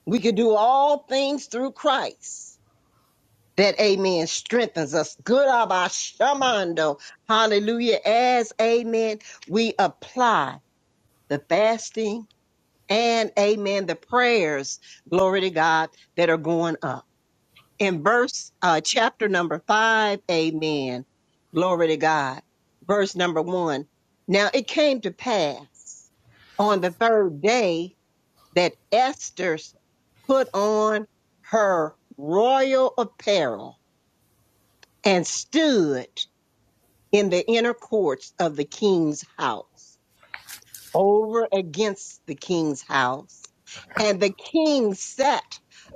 we could do all things through Christ that amen strengthens us. Good of shamando. Hallelujah. As amen, we apply the fasting and amen, the prayers, glory to God, that are going up. In verse, uh, chapter number five, amen. Glory to God. Verse number one. Now it came to pass on the third day that Esther put on her royal apparel and stood in the inner courts of the king's house, over against the king's house. And the king sat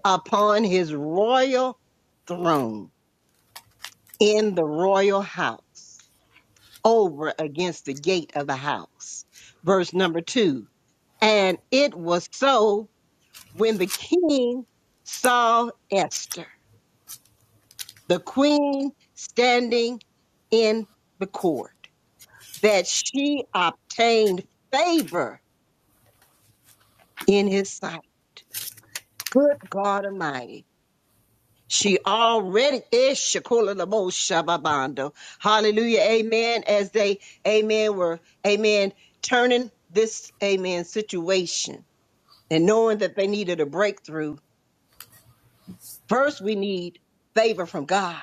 upon his royal throne in the royal house, over against the gate of the house. Verse number two. And it was so when the king saw Esther, the queen, standing in the court that she obtained favor in his sight. Good God Almighty. She already is Shakula Lamo Shababando. Hallelujah. Amen. As they, amen, were, amen, turning this, amen, situation and knowing that they needed a breakthrough. First, we need favor from God.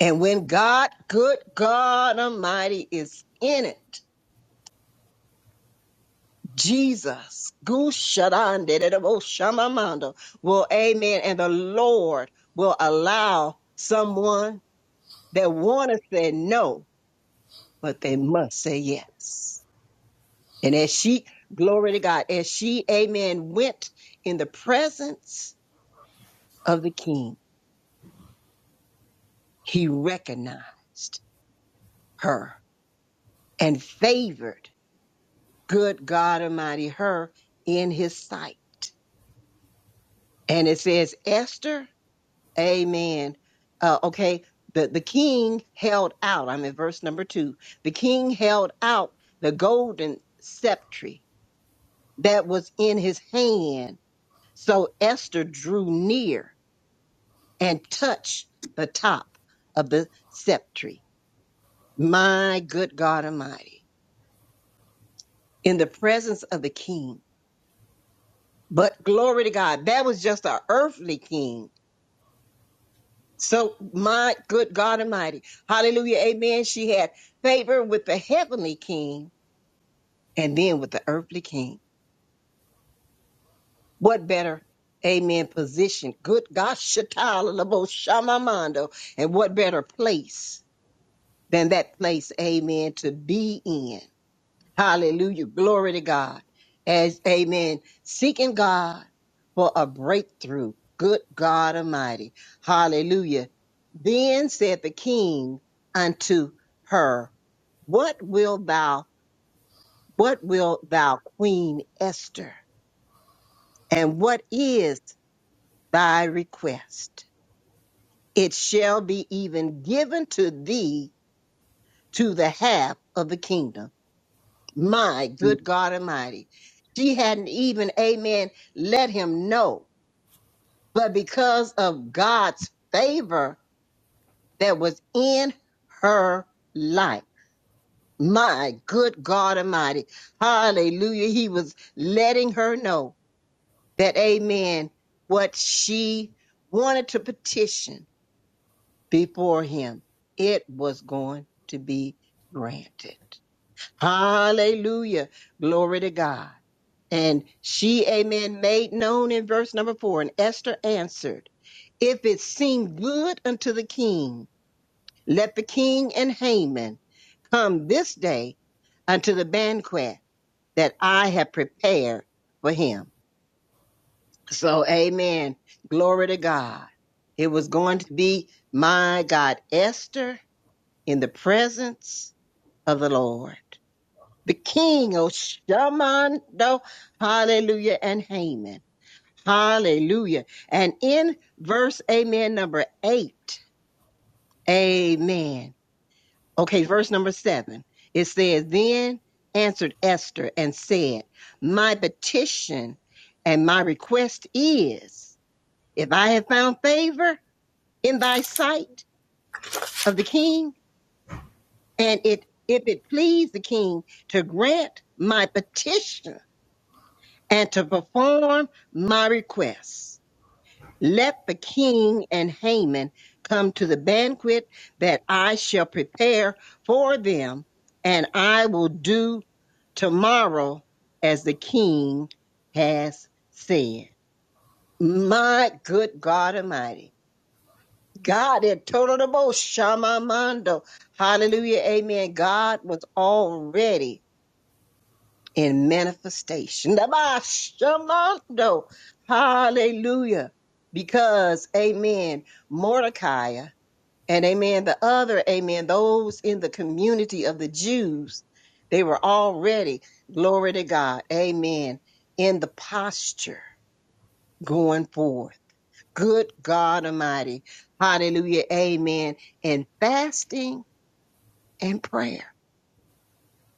And when God, good God Almighty, is in it, Jesus. Gushadandedaboshamamando. Well, amen. And the Lord will allow someone that want to say no, but they must say yes. And as she, glory to God, as she, amen, went in the presence of the king, he recognized her and favored good God Almighty her in his sight. And it says, Esther Amen. Uh, okay. The, the king held out. I'm in verse number two. The king held out the golden scepter that was in his hand. So Esther drew near and touched the top of the scepter. My good God Almighty, in the presence of the king. But glory to God, that was just an earthly king. So, my good God Almighty, hallelujah, amen. She had favor with the heavenly king and then with the earthly king. What better, amen, position? Good God, Shatala Labo Shamamando. And what better place than that place, amen, to be in? Hallelujah. Glory to God. As amen. Seeking God for a breakthrough. Good God Almighty. Hallelujah. Then said the king unto her, What will thou, what will thou, Queen Esther? And what is thy request? It shall be even given to thee to the half of the kingdom. My good God Almighty. She hadn't even, amen, let him know. But because of God's favor that was in her life, my good God Almighty. Hallelujah. He was letting her know that, amen, what she wanted to petition before him, it was going to be granted. Hallelujah. Glory to God. And she, amen, made known in verse number four. And Esther answered, If it seem good unto the king, let the king and Haman come this day unto the banquet that I have prepared for him. So, amen. Glory to God. It was going to be, my God, Esther in the presence of the Lord. the king of Shamando, hallelujah, and Haman. Hallelujah. And in verse, amen, number eight, amen. Okay, verse number seven, it says, Then answered Esther and said, My petition and my request is, if I have found favor in thy sight of the king, and it, if it please the king to grant my petition and to perform my request. Let the king and Haman come to the banquet that I shall prepare for them, and I will do tomorrow as the king has said. My good God Almighty. God had total the most Shamamando. Hallelujah. Amen. God was already in manifestation. Shamando. Hallelujah. Because, amen, Mordecai and amen, the other, amen, those in the community of the Jews, they were already, glory to God, amen, in the posture going forth. Good God Almighty. Hallelujah. Amen. And fasting and prayer.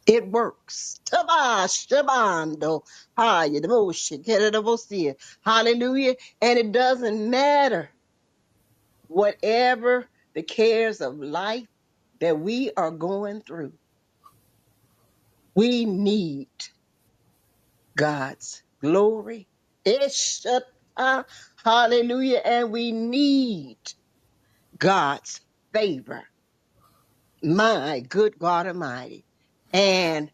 It works. Taba shabando. Haya devotion. Kerevosia. Hallelujah. And it doesn't matter whatever the cares of life that we are going through. We need God's glory. Ishata. Hallelujah. And we need God's favor. My good God Almighty. And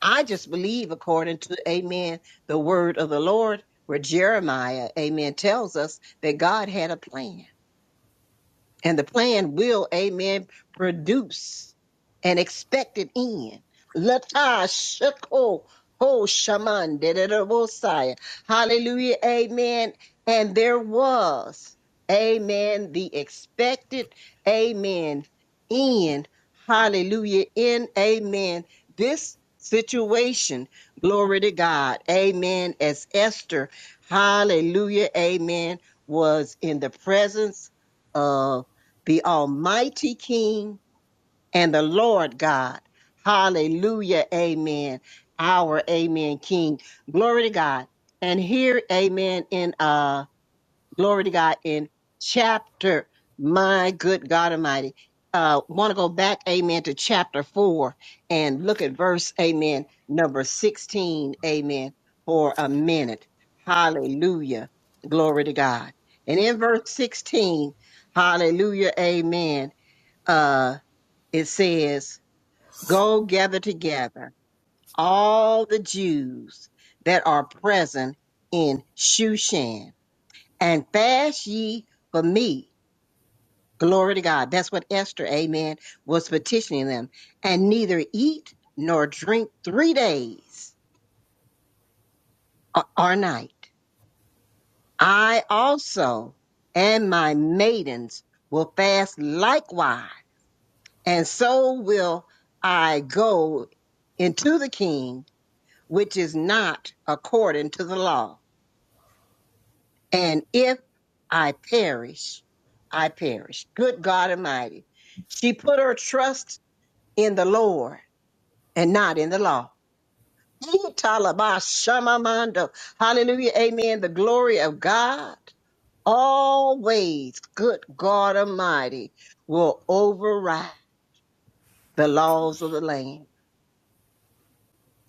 I just believe according to, amen, the word of the Lord, where Jeremiah, amen, tells us that God had a plan. And the plan will, amen, produce an expected end. Lata shako ho shaman dededabosai. Hallelujah, amen. And there was, amen, the expected, amen, end. Hallelujah, in, amen, this situation. Glory to God, amen, as Esther, hallelujah, amen, was in the presence of the Almighty King and the Lord God. Hallelujah. Amen. Our Amen King. Glory to God. And here, Amen, in uh glory to God in chapter, my good God Almighty. Uh want to go back, Amen, to chapter four and look at verse, Amen, number 16, Amen, for a minute. Hallelujah. Glory to God. And in verse 16, hallelujah, amen uh, it says, Go gather together all the Jews that are present in Shushan and fast ye for me. Glory to God. That's what Esther, amen, was petitioning them. And neither eat nor drink three days or or night. I also and my maidens will fast likewise. And so will I go into the king which is not according to the law. And if I perish, I perish. Good God Almighty. She put her trust in the Lord and not in the law. Ooh, Talabah Shamamando. Hallelujah. Amen. The glory of God always, good God Almighty, will override the laws of the land.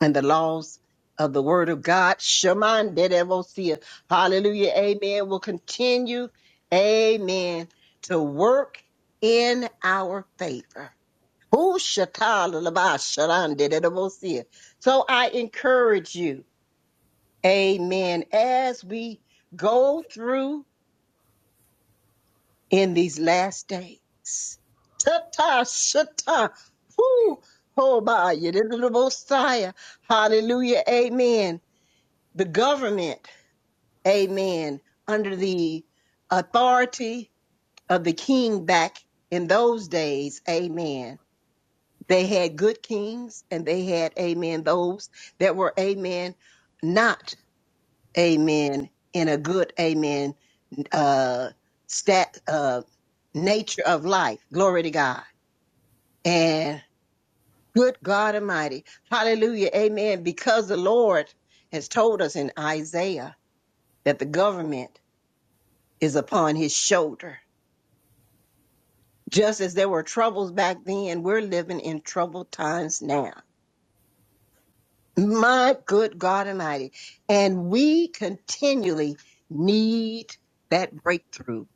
and the laws of the word of God. Shaman Dedevosia. Hallelujah. Amen. Will continue. Amen. To work in our favor. Who shatala laba sharan dedevosia. So I encourage you, amen, as we go through in these last days. Tata shata. Who Oh, by hoba yedidavosiah. Hallelujah. Amen the government, amen, under the authority of the king back in those days, amen. They had good kings and they had, amen, those that were, amen, not, amen, in a good, amen, uh, stat, uh, nature of life. Glory to God. And good God Almighty. Hallelujah. Amen. Because the Lord has told us in Isaiah that the government is upon his shoulder. Just as there were troubles back then, we're living in troubled times now. My good God Almighty. And we continually need that breakthrough.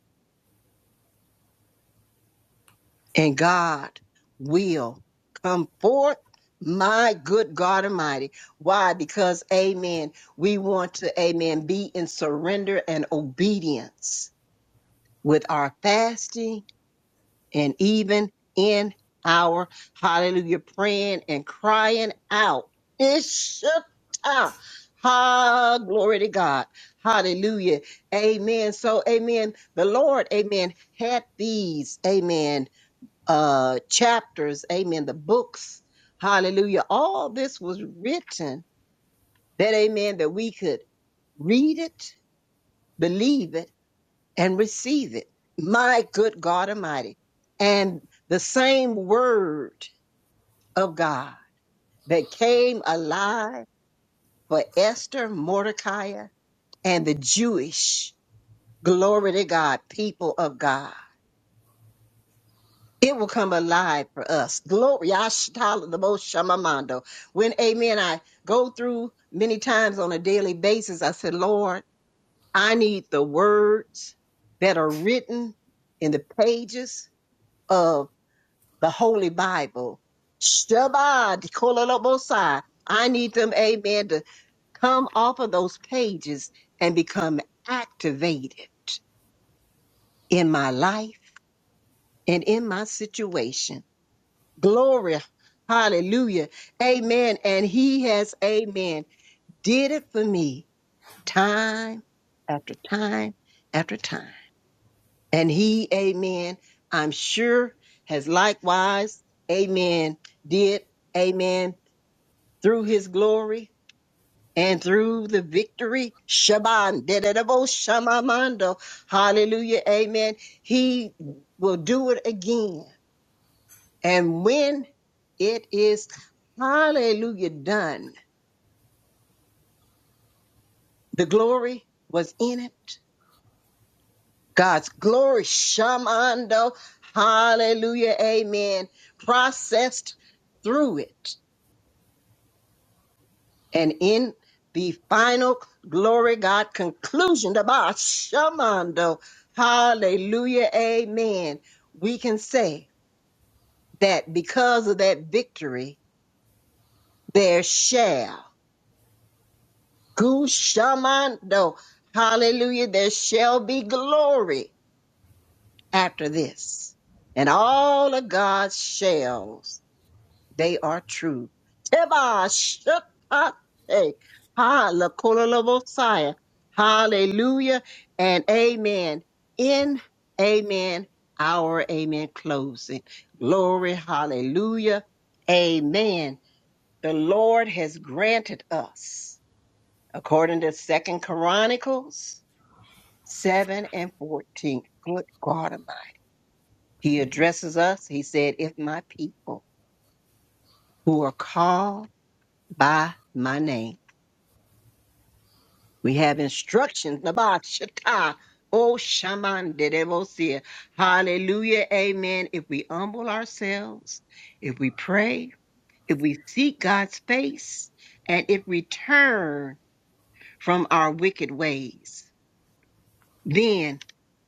And God will come forth. My good God Almighty. Why? Because, amen, we want to, amen, be in surrender and obedience with our fasting and even in our hallelujah praying and crying out. It's time. Ha, glory to God. Hallelujah. Amen. So, amen. The Lord, amen, had these, amen, uh, chapters, amen, the books. Hallelujah. All this was written that, amen, that we could read it, believe it, and receive it. My good God Almighty. And the same word of God that came alive for Esther, Mordecai, and the Jewish, glory to God, people of God. It will come alive for us. Glory. Yashtala the most shamamando. When amen, I go through many times on a daily basis. I said, Lord, I need the words that are written in the pages of. the Holy Bible. Shabbat, Kololobosai. I need them, amen, to come off of those pages and become activated in my life and in my situation. Glory, hallelujah, amen. And he has, amen, did it for me time after time after time. And he, amen, I'm sure has likewise, amen, did, amen. through his glory and through the victory. Shaban, dededebo shamamando. Hallelujah. Amen. He will do it again. And when it is, hallelujah, done, the glory was in it. God's glory, shamando. Hallelujah. Amen. Processed through it. And in the final glory, God conclusion, the Baal Shamando, hallelujah, amen. We can say that because of that victory, there shall, gu shamando, hallelujah, there shall be glory after this. And all of God's shells They are true. Teba shakate. Ha la kola la bosaya. Hallelujah and amen. In amen, our amen closing. Glory, hallelujah, amen. The Lord has granted us, according to Second Chronicles 7 and 14. Good God Almighty. He addresses us. He said, If my people who are called by my name. We have instructions about Shatta. Oh, Shaman de Dedevosia. Hallelujah. Amen. If we humble ourselves, if we pray, if we seek God's face, and if we turn from our wicked ways, then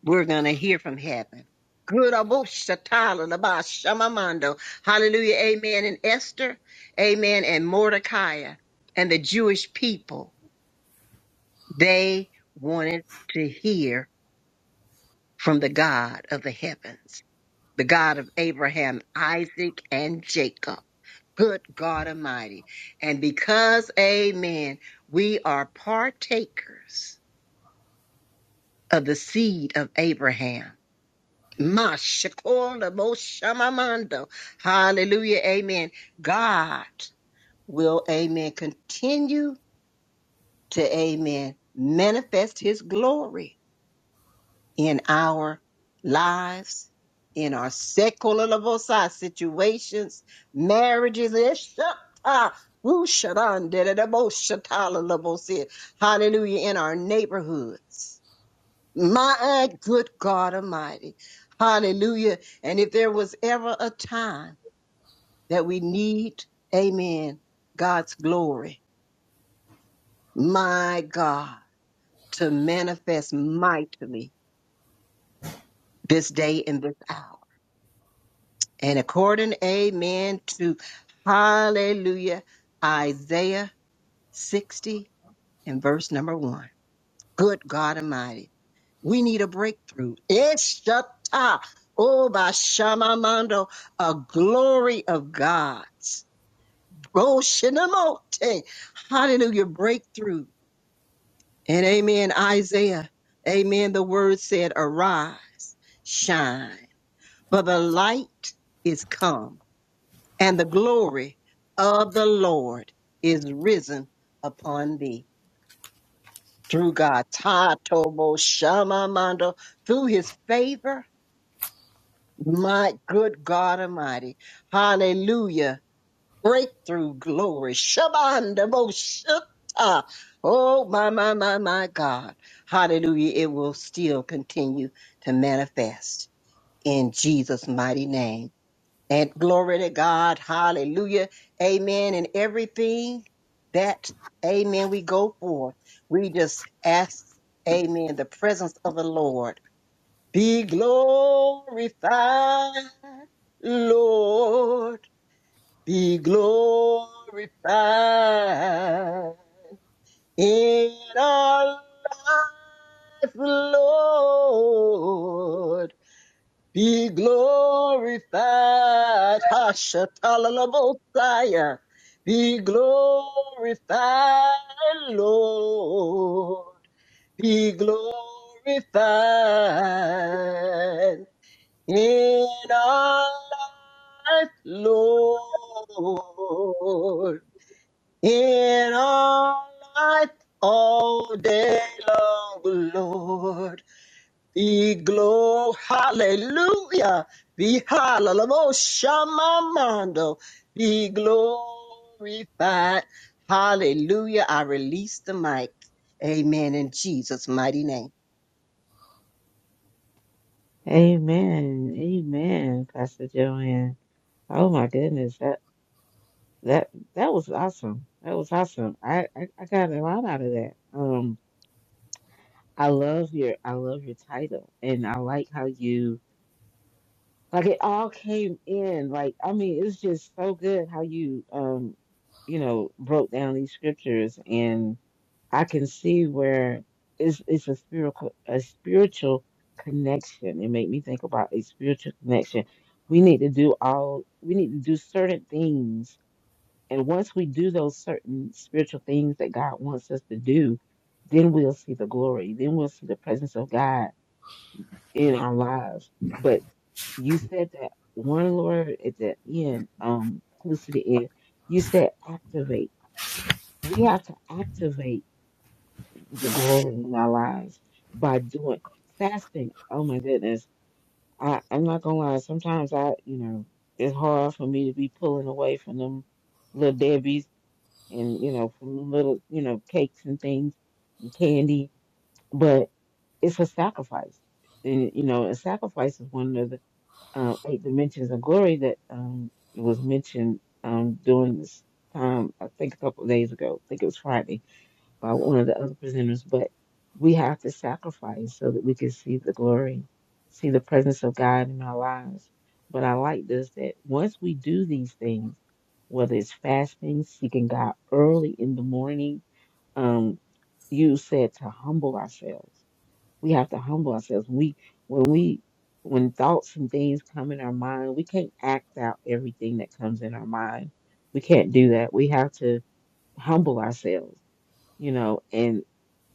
we're going to hear from heaven. Good Abo Shatala Laba Shamamando. Hallelujah. Amen. And Esther. Amen. And Mordecai and the Jewish people. They wanted to hear from the God of the heavens, the God of Abraham, Isaac, and Jacob. Good God Almighty. And because, amen, we are partakers of the seed of Abraham. Mashakola bo shamamando. Hallelujah. Amen. God will, amen, continue to, amen, manifest his glory in our lives, in our secular levosa situations, marriages. Eshata, wushadan, dededebo, shatala levels levosi. Hallelujah. In our neighborhoods. My eh, good God Almighty. Hallelujah. And if there was ever a time that we need, amen, God's glory, my God, to manifest mightily this day and this hour. and according, amen, to hallelujah, Isaiah 60 and verse number one. Good God Almighty, we need a breakthrough. Eshata, oh, Bashamamando, a glory of God's. Roshinamote, hallelujah, breakthrough. And amen, Isaiah, amen, the word said, arise, shine, for the light is come and the glory of the Lord is risen upon thee. Through God, Ta Tobo Shama Mando, through his favor, my good God Almighty. Hallelujah. Breakthrough glory. Shabanda Bo Shutta. Oh, my, my, my, my God. Hallelujah. It will still continue to manifest in Jesus' mighty name. And glory to God. Hallelujah. Amen. And everything that, amen, we go for, we just ask, amen, the presence of the Lord. Be glorified, Lord. Be glorified in our life, Lord. Be glorified, Hashatalabosiah. Be glorified, Lord. Be glorified in our life, Lord. In our life all day long, Lord. Be glow, hallelujah. Be hallelujah, shamamando. Be glorified. Hallelujah. I release the mic. Amen. In Jesus' mighty name. Amen. Amen, Pastor Joanne. Oh my goodness. That that was awesome. That was awesome. I, I I got a lot out of that. Um, I love your I love your title, and I like how you like it all came in. Like I mean, it's just so good how you um, you know, broke down these scriptures, and I can see where it's it's a spiritual a spiritual connection. It made me think about a spiritual connection. We need to do all we need to do certain things and once we do those certain spiritual things that God wants us to do, then we'll see the glory. Then we'll see the presence of God in our lives. But you said that one word at the end, um, close to the end, you said activate. We have to activate the glory in our lives by doing fasting. Oh my goodness. I, I'm not gonna lie, sometimes I, you know, it's hard for me to be pulling away from them little deadbeats and you know from little you know cakes and things and candy but it's a sacrifice and you know a sacrifice is one of the uh, eight dimensions of glory that um was mentioned um during this time i think a couple of days ago i think it was friday by one of the other presenters, but we have to sacrifice so that we can see the glory, see the presence of God in our lives. But I like this that once we do these things, whether it's fasting, seeking God early in the morning, um, you said to humble ourselves. We have to humble ourselves. We when we when thoughts and things come in our mind, we can't act out everything that comes in our mind. We can't do that. We have to humble ourselves you know, and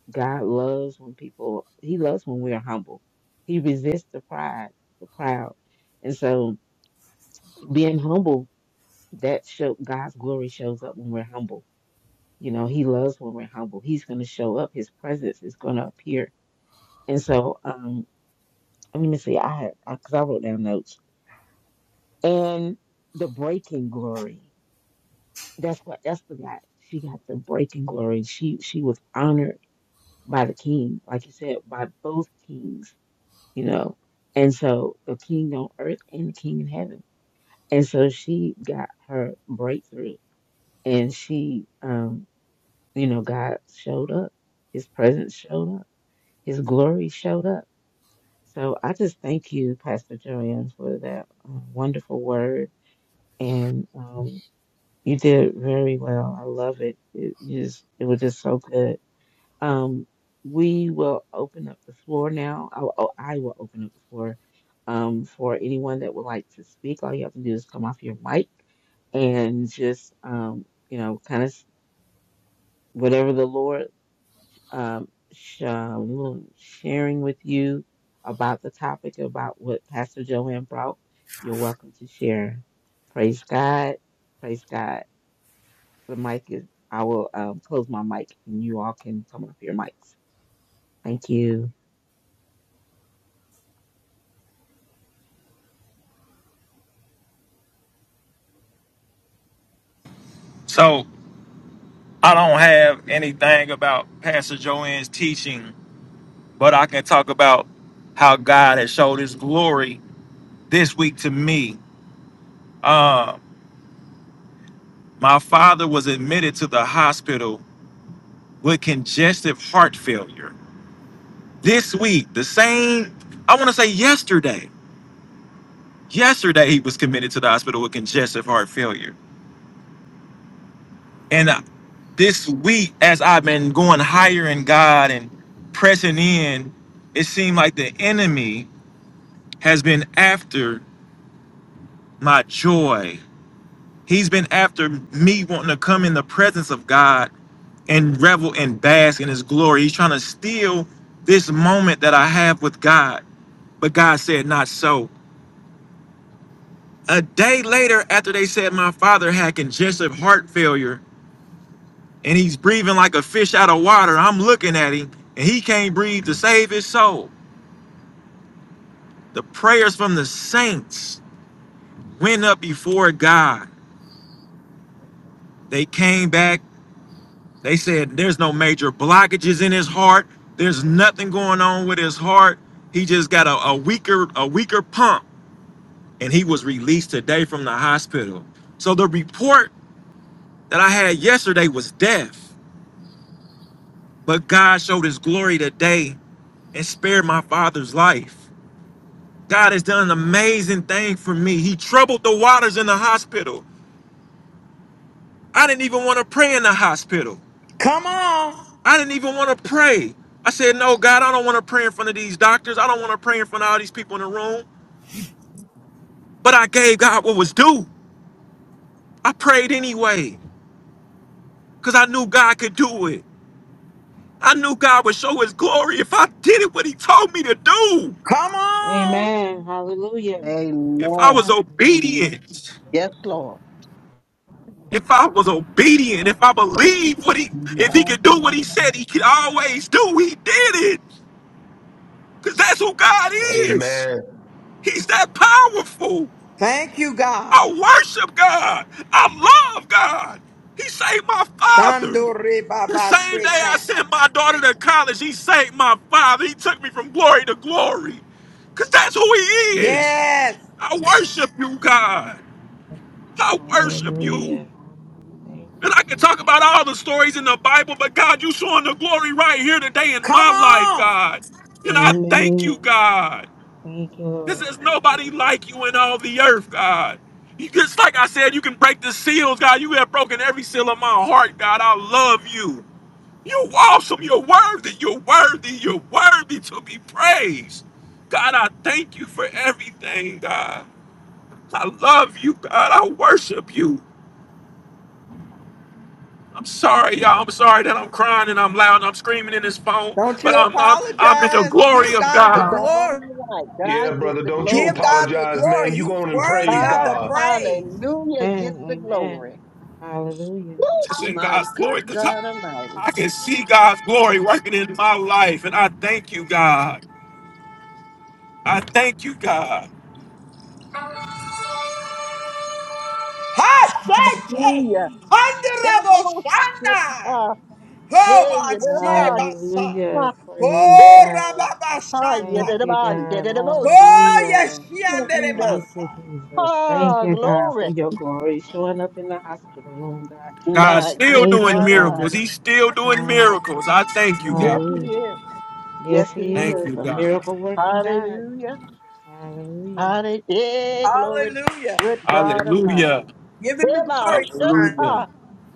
God loves when people, He loves when we're humble. He resists the pride, the proud. And so being humble, that show God's glory shows up when we're humble. You know, He loves when we're humble. He's going to show up. His presence is going to appear. And so, um, let me see. I had because I wrote down notes and the breaking glory. That's what Esther got. She got the breaking glory. She she was honored by the king, like you said, by both kings you know. And so the king on earth and the king in heaven. And so she got her breakthrough and she um, you know, God showed up. His presence showed up. His glory showed up. So I just thank you, Pastor Joanne, for that uh, wonderful word. And um, you did very well. I love it. it you just, it was just so good. Um, we will open up the floor now. I will, oh, I will open up the floor um, for anyone that would like to speak. All you have to do is come off your mic and just, um, you know, kind of whatever the Lord um, sh- um, sharing with you about the topic, about what Pastor Joanne brought, you're welcome to share. Praise God. Praise God. The mic is, I will um, close my mic and you all can come off your mics. Thank you. So I don't have anything about Pastor Joanne's teaching but I can talk about how God has showed his glory this week to me. Uh, my father was admitted to the hospital with congestive heart failure. This week, the same, I want to say yesterday, yesterday he was committed to the hospital with congestive heart failure. And uh, this week, as I've been going higher in God and pressing in, it seemed like the enemy has been after my joy He's been after me wanting to come in the presence of God and revel and bask in his glory. He's trying to steal this moment that I have with God. But God said, Not so. A day later, after they said my father had congestive heart failure and he's breathing like a fish out of water, I'm looking at him and he can't breathe to save his soul. The prayers from the saints went up before God. They came back They said there's no major blockages in his heart. There's nothing going on with his heart. He just got a, a weaker a weaker pump, and he was released today from the hospital. So the report that I had yesterday was death, but God showed His glory today and spared my father's life. God has done an amazing thing for me. He troubled the waters in the hospital. I didn't even want to pray in the hospital. Come on, I didn't even want to pray. I said, No, God, I don't want to pray in front of these doctors. I don't want to pray in front of all these people in the room. But I gave God what was due. I prayed anyway because I knew God could do it. I knew God would show his glory if I did it what he told me to do. come on. Amen. Hallelujah. If Praise I Amen. was God. obedient, Yes, Lord. if I was obedient, if I believed what he, It's if he could do what he said he could always do, he did it. Because that's who God is. Amen. He's that powerful. Thank you, I God. worship God. I love God. He saved my father. Shandore The Baba same day I Sheka. sent my daughter to college, he saved my father. He took me from glory to glory. Because that's who he is. Yes. I worship you, God. I worship you. Hallelujah. Thank And you. I can Jesus. talk about all the stories in the Bible, but God, you showing the glory right here today in Come my life, on. God. And I thank you, Amen. God. Thank you, This Lord. is nobody Hallelujah. like you in all the earth, God. You just like I said, you can break the seals, God. You have broken every seal of my heart, God. I love you. You're awesome. You're worthy. You're worthy. You're worthy to be praised. God, I thank you for everything, God. I love you, God. I worship you. I'm sorry, y'all. I'm sorry that I'm crying and I'm loud and I'm screaming in this phone, Don't but you I'm I'm I'm in the apologize. glory Give of God the God. all glory. right. God Yeah, gets brother, the don't you Give glory. God the apologize, man. glory. You go He's on and worthy praise of the God, God. praise. hallelujah, Amen. gets the Amen. glory. Hallelujah. Just in My God's good glory. because God Almighty. I can see God's glory working in my life, and I thank you, God. I thank you, God. Hashake. Hallelujah. Honorable Shanda. Oh, Yeah, Bashe Basa. yeah, Hallelujah. Praise Oh, God. Rababa Ah, Thank Shanda. you, yadadaban, God. dadadabo, Oh, Hallelujah. Yeshiandere Thank shundo. you, Masai. Jesus. Thank Ah, you, God, for glory. your glory showing up in the hospital room, God. God's My still good Thank doing you, God God. miracles. Almighty. He's still doing miracles. Hallelujah. I thank you, Yes, He God. Hallelujah. is. Yes, Yes, He He Thank is. you, is a God. miracle working God. Hallelujah. Hallelujah. Hallelujah. Yeah, glory. Hallelujah. Good God Hallelujah. Almighty. Give him the Deba, glory, son. Hallelujah. shata.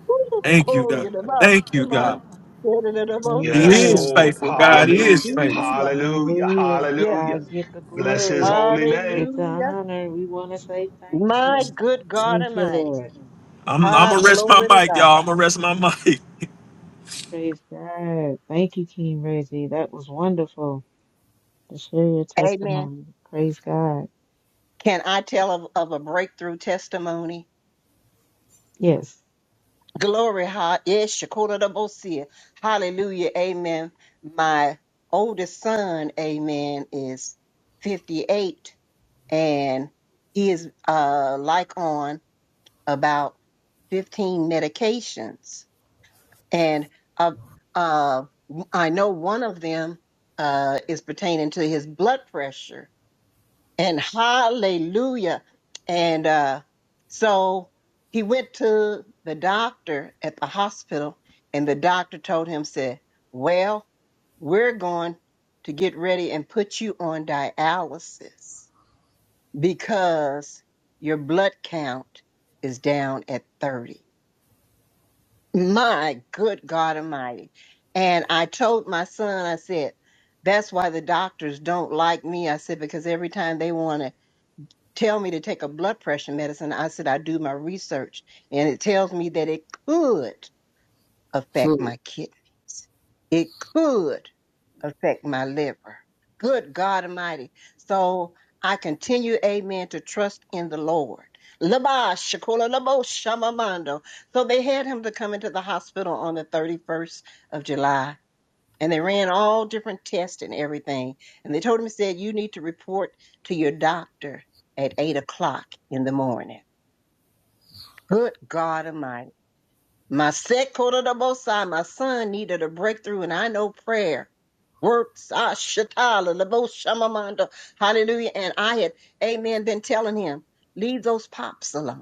Woo, Thank you, Oh, God. yadaba, Thank you, shema. God. Yadadadabo, He Yes, saya. is Amen. Lord. faithful, God. He is Hallelujah. faithful. Hallelujah. Hallelujah. Hallelujah. Yes. Hallelujah. God, get the Bless his glory, holy name. get the Hallelujah. honor. We want to say thank My you. good God Thank you, Almighty. Lord. I'm, I'm Ah, going to rest my glory to mic, God. y'all. I'm going to rest my mic. Praise God. Thank you, King Reggie. That was wonderful to share your Amen. testimony. Praise God. Can I tell of, of a breakthrough testimony? Yes. Glory, ha- yes, shakota da bosia. hallelujah, amen. My oldest son, amen, is 58 and he is uh, like on about 15 medications. And uh, uh, I know one of them uh, is pertaining to his blood pressure and hallelujah. And uh, so he went to the doctor at the hospital, and the doctor told him, said, Well, we're going to get ready and put you on dialysis because your blood count is down at 30." My good God Almighty. And I told my son, I said, that's why the doctors don't like me. I said, because every time they want to tell me to take a blood pressure medicine. I said, I do my research and it tells me that it could affect Oh, my kidneys. It could affect my liver. Good God Almighty. So I continue, amen, to trust in the Lord. Laba Shakula Labo Shamamando. So they had him to come into the hospital on the 31st of July and they ran all different tests and everything. And they told him, said, you need to report to your doctor at eight o'clock in the morning. Good God Almighty. My set quarter to both sides, my son needed a breakthrough, and I know prayer works. Ah, shatala, lebo shamamanda. Hallelujah. And I had, amen, been telling him, leave those pops alone.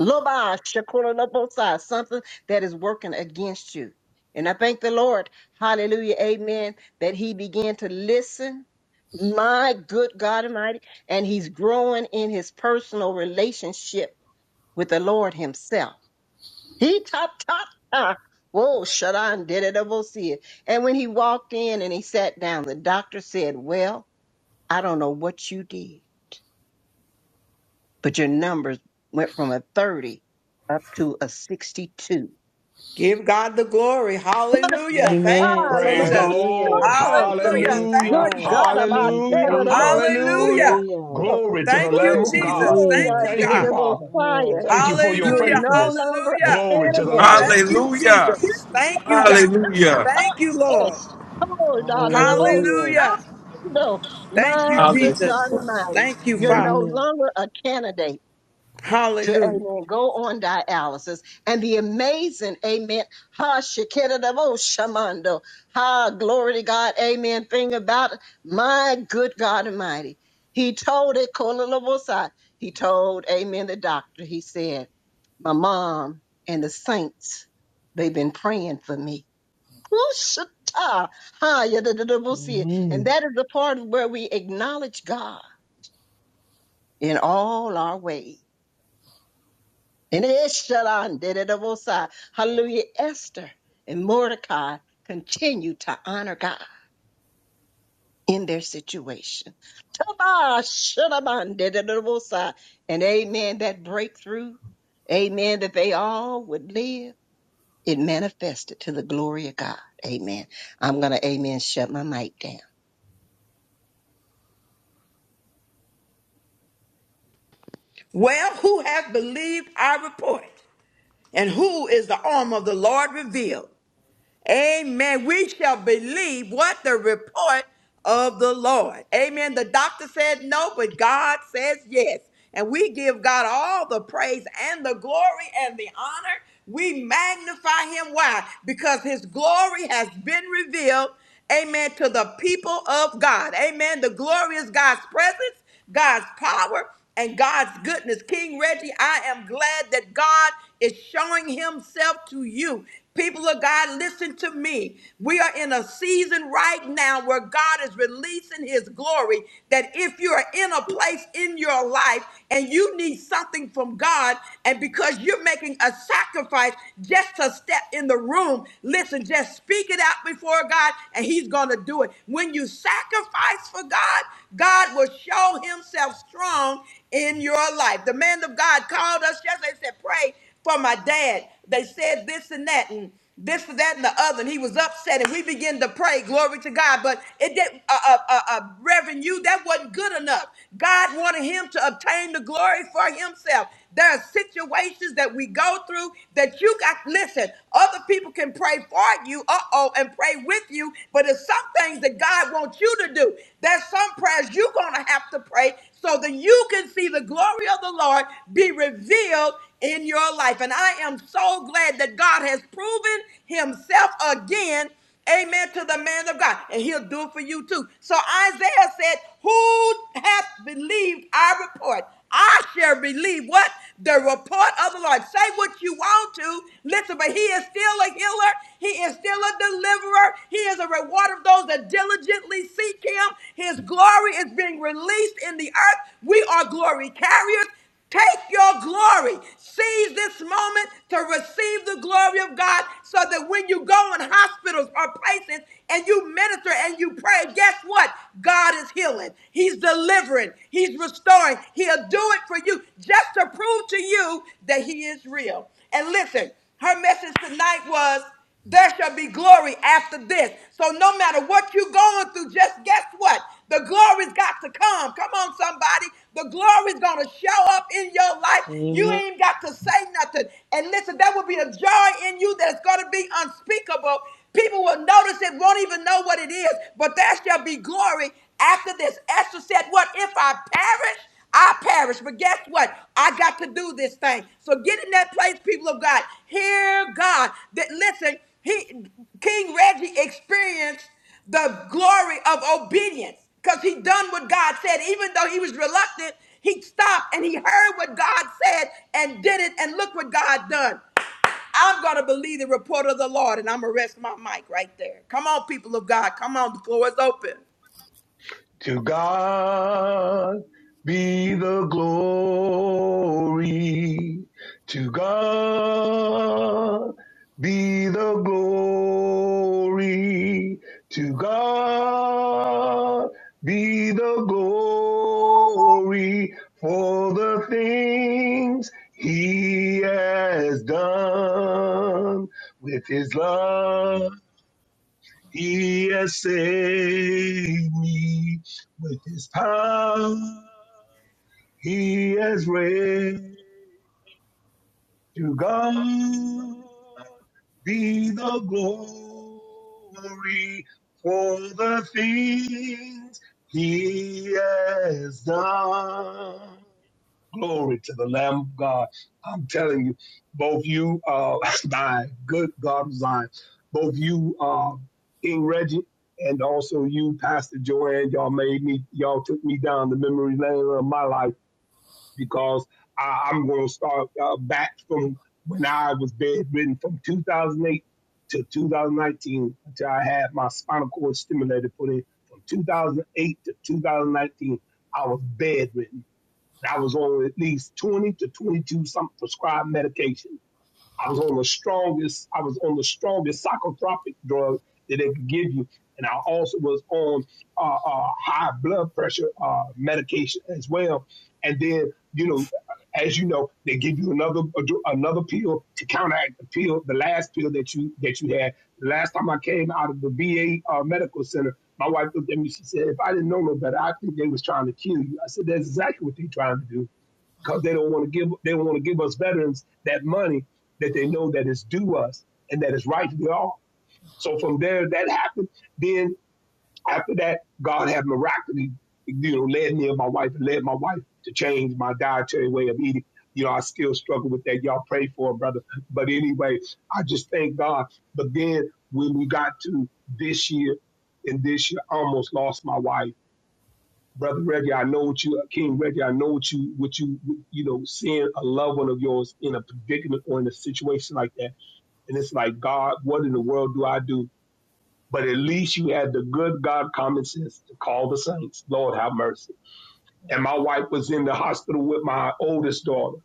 Loba shakura lobosa, something that is working against you. And I thank the Lord, hallelujah, amen, that he began to listen, my good God Almighty, and he's growing in his personal relationship with the Lord himself. He top top top. Whoa, shut on, did it ever see it. And when he walked in and he sat down, the doctor said, Well, I don't know what you did, but your numbers went from a 30 up to a 62 Give God the glory. Versatile, the Hallelujah. Thank you, Amen. child of the Praise the most Jesus. Hallelujah. Lord. strong. Hallelujah. Praise Thank Hallelujah. you, Good God. God, Lord. I'm out Thank you, there, Hallelujah. of the Jesus. most Hallelujah. Hallelujah. Hallelujah. strong. Glory to the Thank you, Lamb Woo! of God. Jesus. Oh, Thank God, Hallelujah. you, the Thank you, the God. most Father. Yes. fire. Thank you for your You are Hallelujah. no faithfulness. longer a Hallelujah. Glory to the candidate. Lamb. Thank you, Hallelujah. Jesus. Thank you, God. Hallelujah. Thank you, Yes. Lord. Oh, God, the most Hallelujah. Hallelujah. strong. Thank you, My good God Jesus. Hallelujah. Almighty, Thank you, you're no Father. Hallelujah. longer a candidate to Hallelujah. amen, go on dialysis. And the amazing, amen, ha shikidadabo shamando, ha glory to God, amen. Thing about it, my good God Almighty. He told it, kolalabosai. he told, amen, the doctor, he said, my mom and the saints, they've been praying for me. Kushata, ha yadadadabosi. And Amen. that is the part where we acknowledge God in all our ways. And Eshalon did it of Osai. Hallelujah. Esther and Mordecai continue to honor God in their situation. Tabah Shalaban did it of Osai. And amen, that breakthrough, amen, that they all would live, it manifested to the glory of God. Amen. I'm going to, amen, shut my mic down. Well, who hath believed our report? And who is the arm of the Lord revealed? Amen. We shall believe what the report of the Lord. Amen. The doctor said no, but God says yes. And we give God all the praise and the glory and the honor. We magnify him. Why? Because his glory has been revealed. Amen. To the people of God. Amen. The glory is God's presence, God's power and God's goodness. King Reggie, I am glad that God is showing himself to you. People of God, listen to me. We are in a season right now where God is releasing his glory. That if you are in a place in your life and you need something from God, and because you're making a sacrifice just to step in the room, listen, just speak it out before God and he's going to do it. When you you sacrifice for God, God will show himself strong in your life. The man of God called us yesterday and said, Pray for my dad. They said this and that and this and that and the other. And he was upset. And we began to pray, glory to God. But it didn't, uh, uh, uh, uh, Reverend, you, that wasn't good enough. God wanted him to obtain the glory for himself. There are situations that we go through that you got. Listen, other people can pray for you, uh oh, and pray with you, but it's some things that God wants you to do. There's some prayers you're going to have to pray so that you can see the glory of the Lord be revealed in your life. And I am so glad that God has proven himself again Amen to the man of God. And he'll do it for you too. So Isaiah said, Who hath believed our report? I shall believe what? The report of the Lord. Say what you want to. Listen, but he is still a healer. He is still a deliverer. He is a reward of those that diligently seek him. His glory is being released in the earth. We are glory carriers. Take your glory. Seize this moment to receive the glory of God so that when you go in hospitals or places and you minister and you pray, guess what? God is healing. He's delivering. He's restoring. He'll do it for you just to prove to you that He is real. And listen, her message tonight was. There shall be glory after this. So no matter what you're going through, just guess what? The glory's got to come. Come on, somebody. The glory's going to show up in your life. You Amen. ain't got to say nothing. And listen, there will be a joy in you that's going to be unspeakable. People will notice it, won't even know what it is, but there shall be glory after this. Esther said, What if I perish? I perish, but guess what? I got to do this thing. So get in that place, people of God. Hear God. That listen, he King Reggie experienced the glory of obedience because he done what God said, even though he was reluctant. He stopped and he heard what God said and did it, and look what God done. I'm going to believe the report of the Lord, and I'm going to rest my mic right there. Come on, people of God. Come on, the floor is open. To God be the glory. To God be the glory. To God be the glory for the things he has done with his love he has saved me with his power. He has raised to God be the glory for the things he has done. Glory to the Lamb of God. I'm telling you, both you, uh, my good God of Zion, both you, uh, King Reggie, and also you, Pastor Joanne, y'all made me, y'all took me down the memory lane of my life because I, I'm going to start uh, back from when I was bedridden from 2008 to 2019 until I had my spinal cord stimulator put in. From 2008 to 2019, I was bedridden. And I was on at least 20 to 22 some prescribed medication. I was on the strongest, I was on the strongest psychotropic drug that they could give you. And I also was on uh, uh, high blood pressure uh, medication as well. And then, you know, as you know, they give you another another pill to counteract the pill, the last pill that you that you had. The last time I came out of the VA uh, medical center, my wife looked at me. She said, "If I didn't know no better, I think they was trying to kill you." I said, "That's exactly what they're trying to do because they don't want to give they don't want to give us veterans that money that they know that is due us and that is rightfully all. So from there, that happened. Then after that, God had miraculously, you know, led me and my wife, led my wife to change my dietary way of eating. You know, I still struggle with that. Y'all pray for it, brother. But anyway, I just thank God. But then when we got to this year, and this year, I almost lost my wife brother Reggie, I know what you, King Reggie, I know what you, what you, you know, seeing a loved one of yours in a predicament or in a situation like that, and it's like, God, what in the world do I do? But at least you had the good God common sense to call the saints. Lord, have mercy. And my wife was in the hospital with my oldest daughter.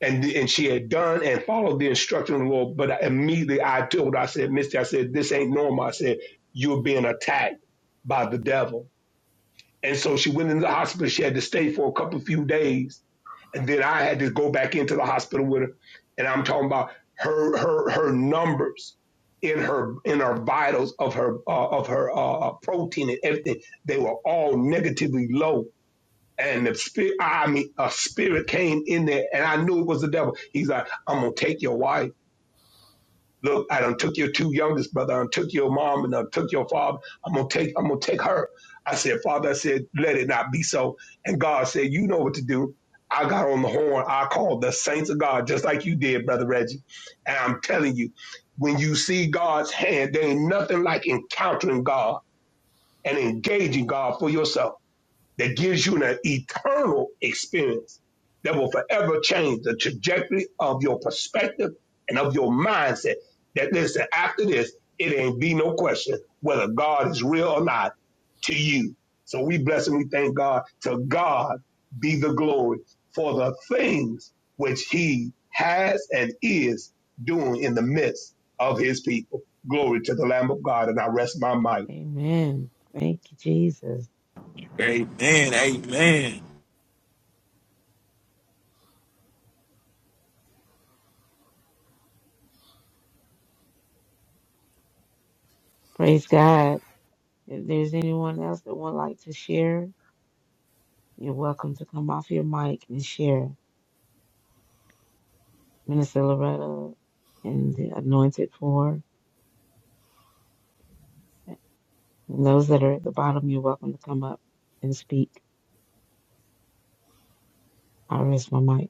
And, and she had done and followed the instruction of the Lord. But immediately I told her, I said, Mister, I said, this ain't normal. I said, you're being attacked by the devil and so she went into the hospital. She had to stay for a couple of few days. And then I had to go back into the hospital with her. And I'm talking about her her her numbers in her in her vitals of her uh, of her uh, uh, protein and everything. They were all negatively low. And the spirit, I mean, a spirit came in there, and I knew it was the devil. He's like, "I'm gonna take your wife." Look, I done took your two youngest brother, I done took your mom, and I done took your father. I'm gonna take, I'm gonna take her. I said, Father, I said, let it not be so. And God said, You know what to do. I got on the horn. I called the saints of God, just like you did, brother Reggie. And I'm telling you, when you see God's hand, there ain't nothing like encountering God and engaging God for yourself that gives you an eternal experience that will forever change the trajectory of your perspective and of your mindset. That listen, after this, it ain't be no question whether God is real or not to you. So we bless and we thank God. To God be the glory for the things which he has and is doing in the midst of his people. Glory to the Lamb of God. And I rest my mic. Amen. Thank you, Jesus. Amen. Amen. Praise God. If there's anyone else that would like to share, you're welcome to come off your mic and share. Minister Loretta and the anointed for those that are at the bottom, you're welcome to come up and speak. I rest my mic.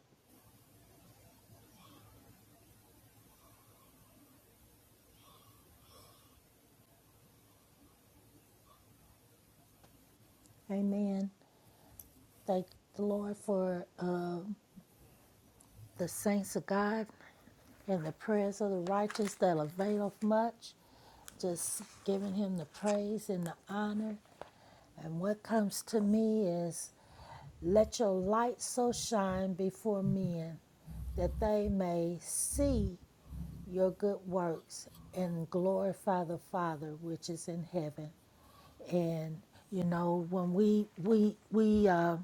Amen. Thank the Lord for uh, the saints of God and the prayers of the righteous that availeth much. Just giving him the praise and the honor. And what comes to me is let your light so shine before men that they may see your good works and glorify the Father which is in heaven. And you know when we we we uh,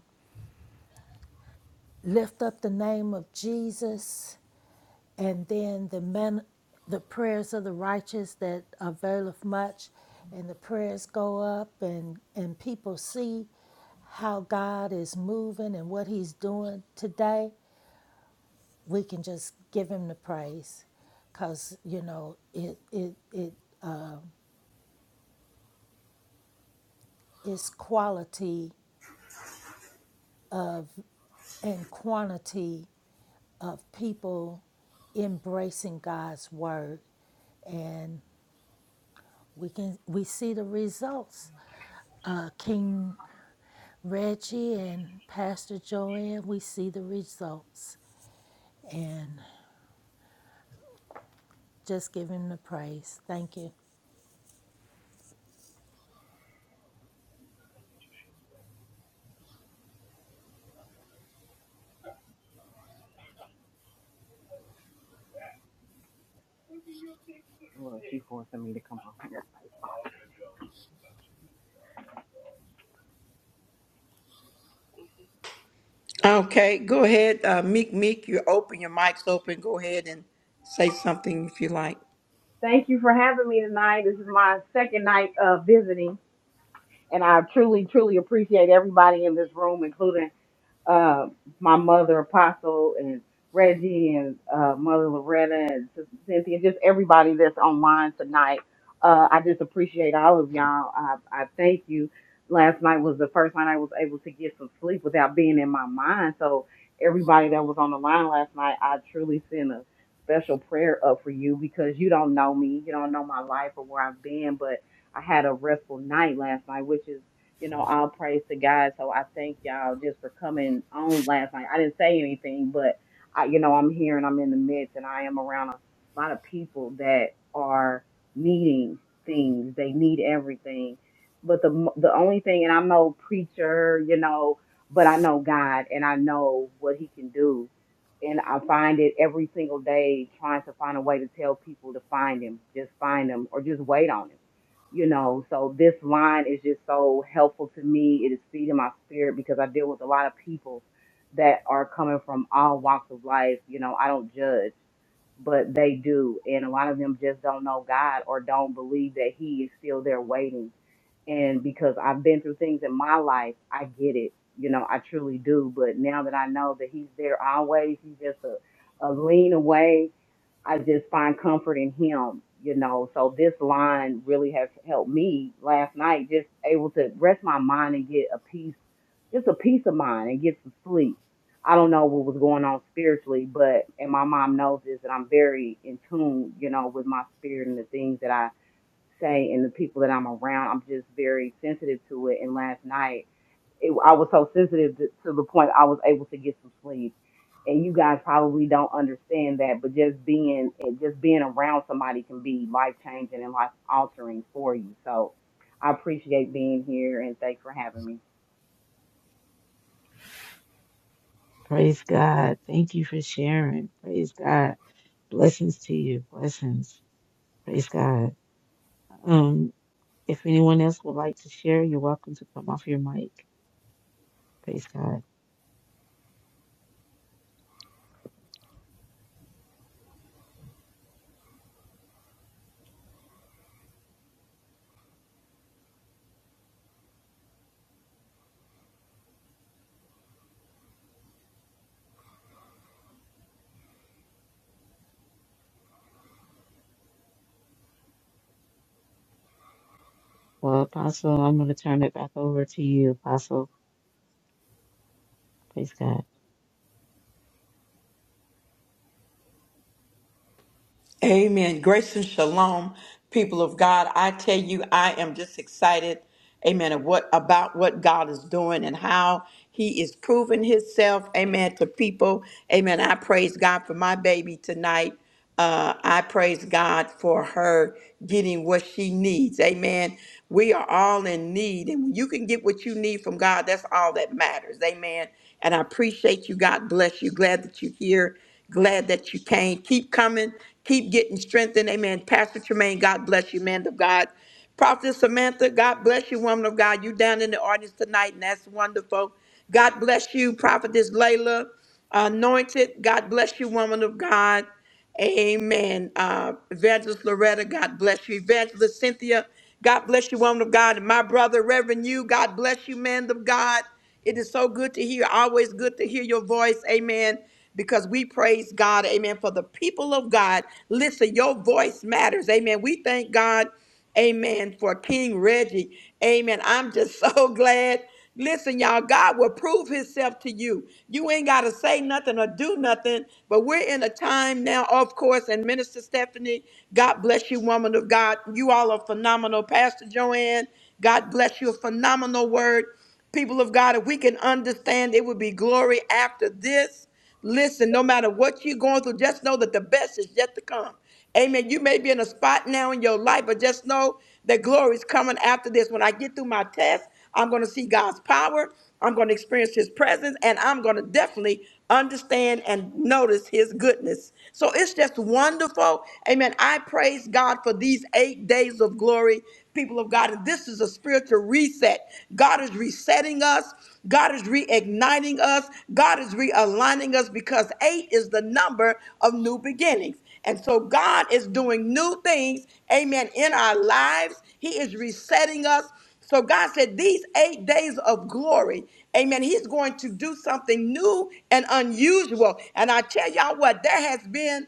lift up the name of Jesus and then the man, the prayers of the righteous that availeth much, and the prayers go up, and and people see how God is moving and what He's doing today. We can just give Him the praise, cause you know it it it uh, is quality of and quantity of people embracing God's word, and we can we see the results. Uh, King Reggie and Pastor Joanne, we see the results and just give him the praise. Thank you. Okay, go ahead, uh, Meek. Meek, you open your mic's open. Go ahead and say something if you like. Thank you for having me tonight. This is my second night of visiting, and I truly, truly appreciate everybody in this room, including uh, my mother Apostle and Reggie and uh, Mother Loretta and Sister Cynthia, just everybody that's online tonight. Uh, I just appreciate all of y'all. I, I thank you. Last night was the first night I was able to get some sleep without being in my mind. So everybody that was on the line last night, I truly send a special prayer up for you because you don't know me, you don't know my life or where I've been, but I had a restful night last night, which is you know, all praise to God. So I thank y'all just for coming on last night. I didn't say anything, but I, you know, I'm here and I'm in the midst and I am around a lot of people that are needing things. They need everything. But the mo- the only thing, and I'm no preacher, you know, but I know God and I know what He can do. And I find it every single day trying to find a way to tell people to find Him, just find Him, or just wait on Him you know so this line is just so helpful to me it is feeding my spirit because i deal with a lot of people that are coming from all walks of life you know i don't judge but they do and a lot of them just don't know god or don't believe that he is still there waiting and because i've been through things in my life i get it you know i truly do but now that i know that he's there always he's just a, a lean away I just find comfort in him, you know. So this line really has helped me last night, just able to rest my mind and get a peace, just a peace of mind and get some sleep. I don't know what was going on spiritually, but and my mom knows this that I'm very in tune, you know, with my spirit and the things that I say and the people that I'm around. I'm just very sensitive to it. And last night it, I was so sensitive to, to the point I was able to get some sleep. And you guys probably don't understand that, but just being and just being around somebody can be life changing and life altering for you. So I appreciate being here and thanks for having me. Praise God. Thank you for sharing. Praise God. Blessings to you. Blessings. Praise God. Um, if anyone else would like to share, you're welcome to come off your mic. Praise God. Well, Apostle, I'm going to turn it back over to you, Apostle. Praise God. Amen. Grace and shalom, people of God. I tell you, I am just excited. Amen. Of what about what God is doing and how He is proving Himself. Amen. To people. Amen. I praise God for my baby tonight. Uh, I praise God for her getting what she needs. Amen. We are all in need, and when you can get what you need from God, that's all that matters. Amen. And I appreciate you. God bless you. Glad that you're here. Glad that you came. Keep coming. Keep getting strengthened. Amen. Pastor Tremaine, God bless you, man of God. Prophet Samantha, God bless you, woman of God. You down in the audience tonight, and that's wonderful. God bless you, Prophetess Layla, anointed. God bless you, woman of God. Amen. Uh, Evangelist Loretta, God bless you. Evangelist Cynthia, God bless you, woman of God. And my brother, Reverend you, God bless you, man of God. It is so good to hear, always good to hear your voice. Amen. Because we praise God. Amen. For the people of God, listen, your voice matters. Amen. We thank God. Amen. For King Reggie. Amen. I'm just so glad. Listen, y'all, God will prove himself to you. You ain't got to say nothing or do nothing, but we're in a time now, of course. And Minister Stephanie, God bless you, woman of God. You all are phenomenal. Pastor Joanne, God bless you. A phenomenal word. People of God, if we can understand, it would be glory after this. Listen, no matter what you're going through, just know that the best is yet to come. Amen. You may be in a spot now in your life, but just know that glory is coming after this. When I get through my test, I'm going to see God's power. I'm going to experience his presence and I'm going to definitely understand and notice his goodness. So it's just wonderful. Amen. I praise God for these eight days of glory, people of God. And this is a spiritual reset. God is resetting us, God is reigniting us, God is realigning us because eight is the number of new beginnings. And so God is doing new things, amen, in our lives. He is resetting us. So God said, These eight days of glory, amen, He's going to do something new and unusual. And I tell y'all what, there has been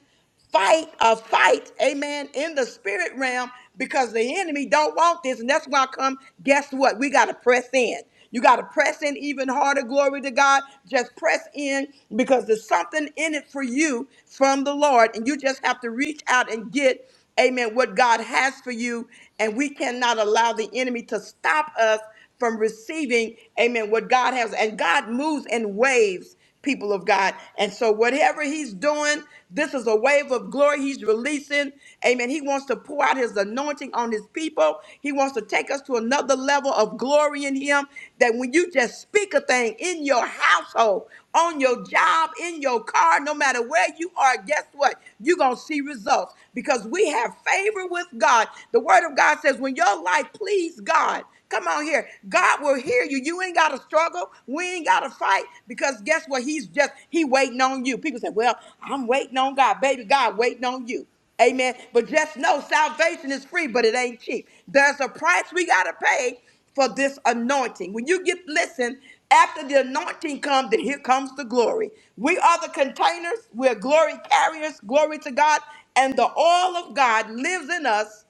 fight a fight amen in the spirit realm because the enemy don't want this and that's why I come guess what we got to press in you got to press in even harder. Glory to God. Just press in because there's something in it for you from the Lord. And you just have to reach out and get, amen, what God has for you. And we cannot allow the enemy to stop us from receiving, amen, what God has. And God moves in waves people of God. And so, whatever he's doing, this is a wave of glory he's releasing. Amen. He wants to pour out his anointing on his people. He wants to take us to another level of glory in him. That when you just speak a thing in your household, on your job, in your car, no matter where you are, guess what? You're going to see results because we have favor with God. The word of God says, when your life please God, Come on here. God will hear you. You ain't got to struggle. We ain't got to fight because guess what? He's just, he waiting on you. People say, well, I'm waiting on God. Baby, God waiting on you. Amen. But just know salvation is free, but it ain't cheap. There's a price we got to pay for this anointing. When you get, listen, after the anointing comes, then here comes the glory. We are the containers. We're glory carriers. Glory to God. And the all of God lives in us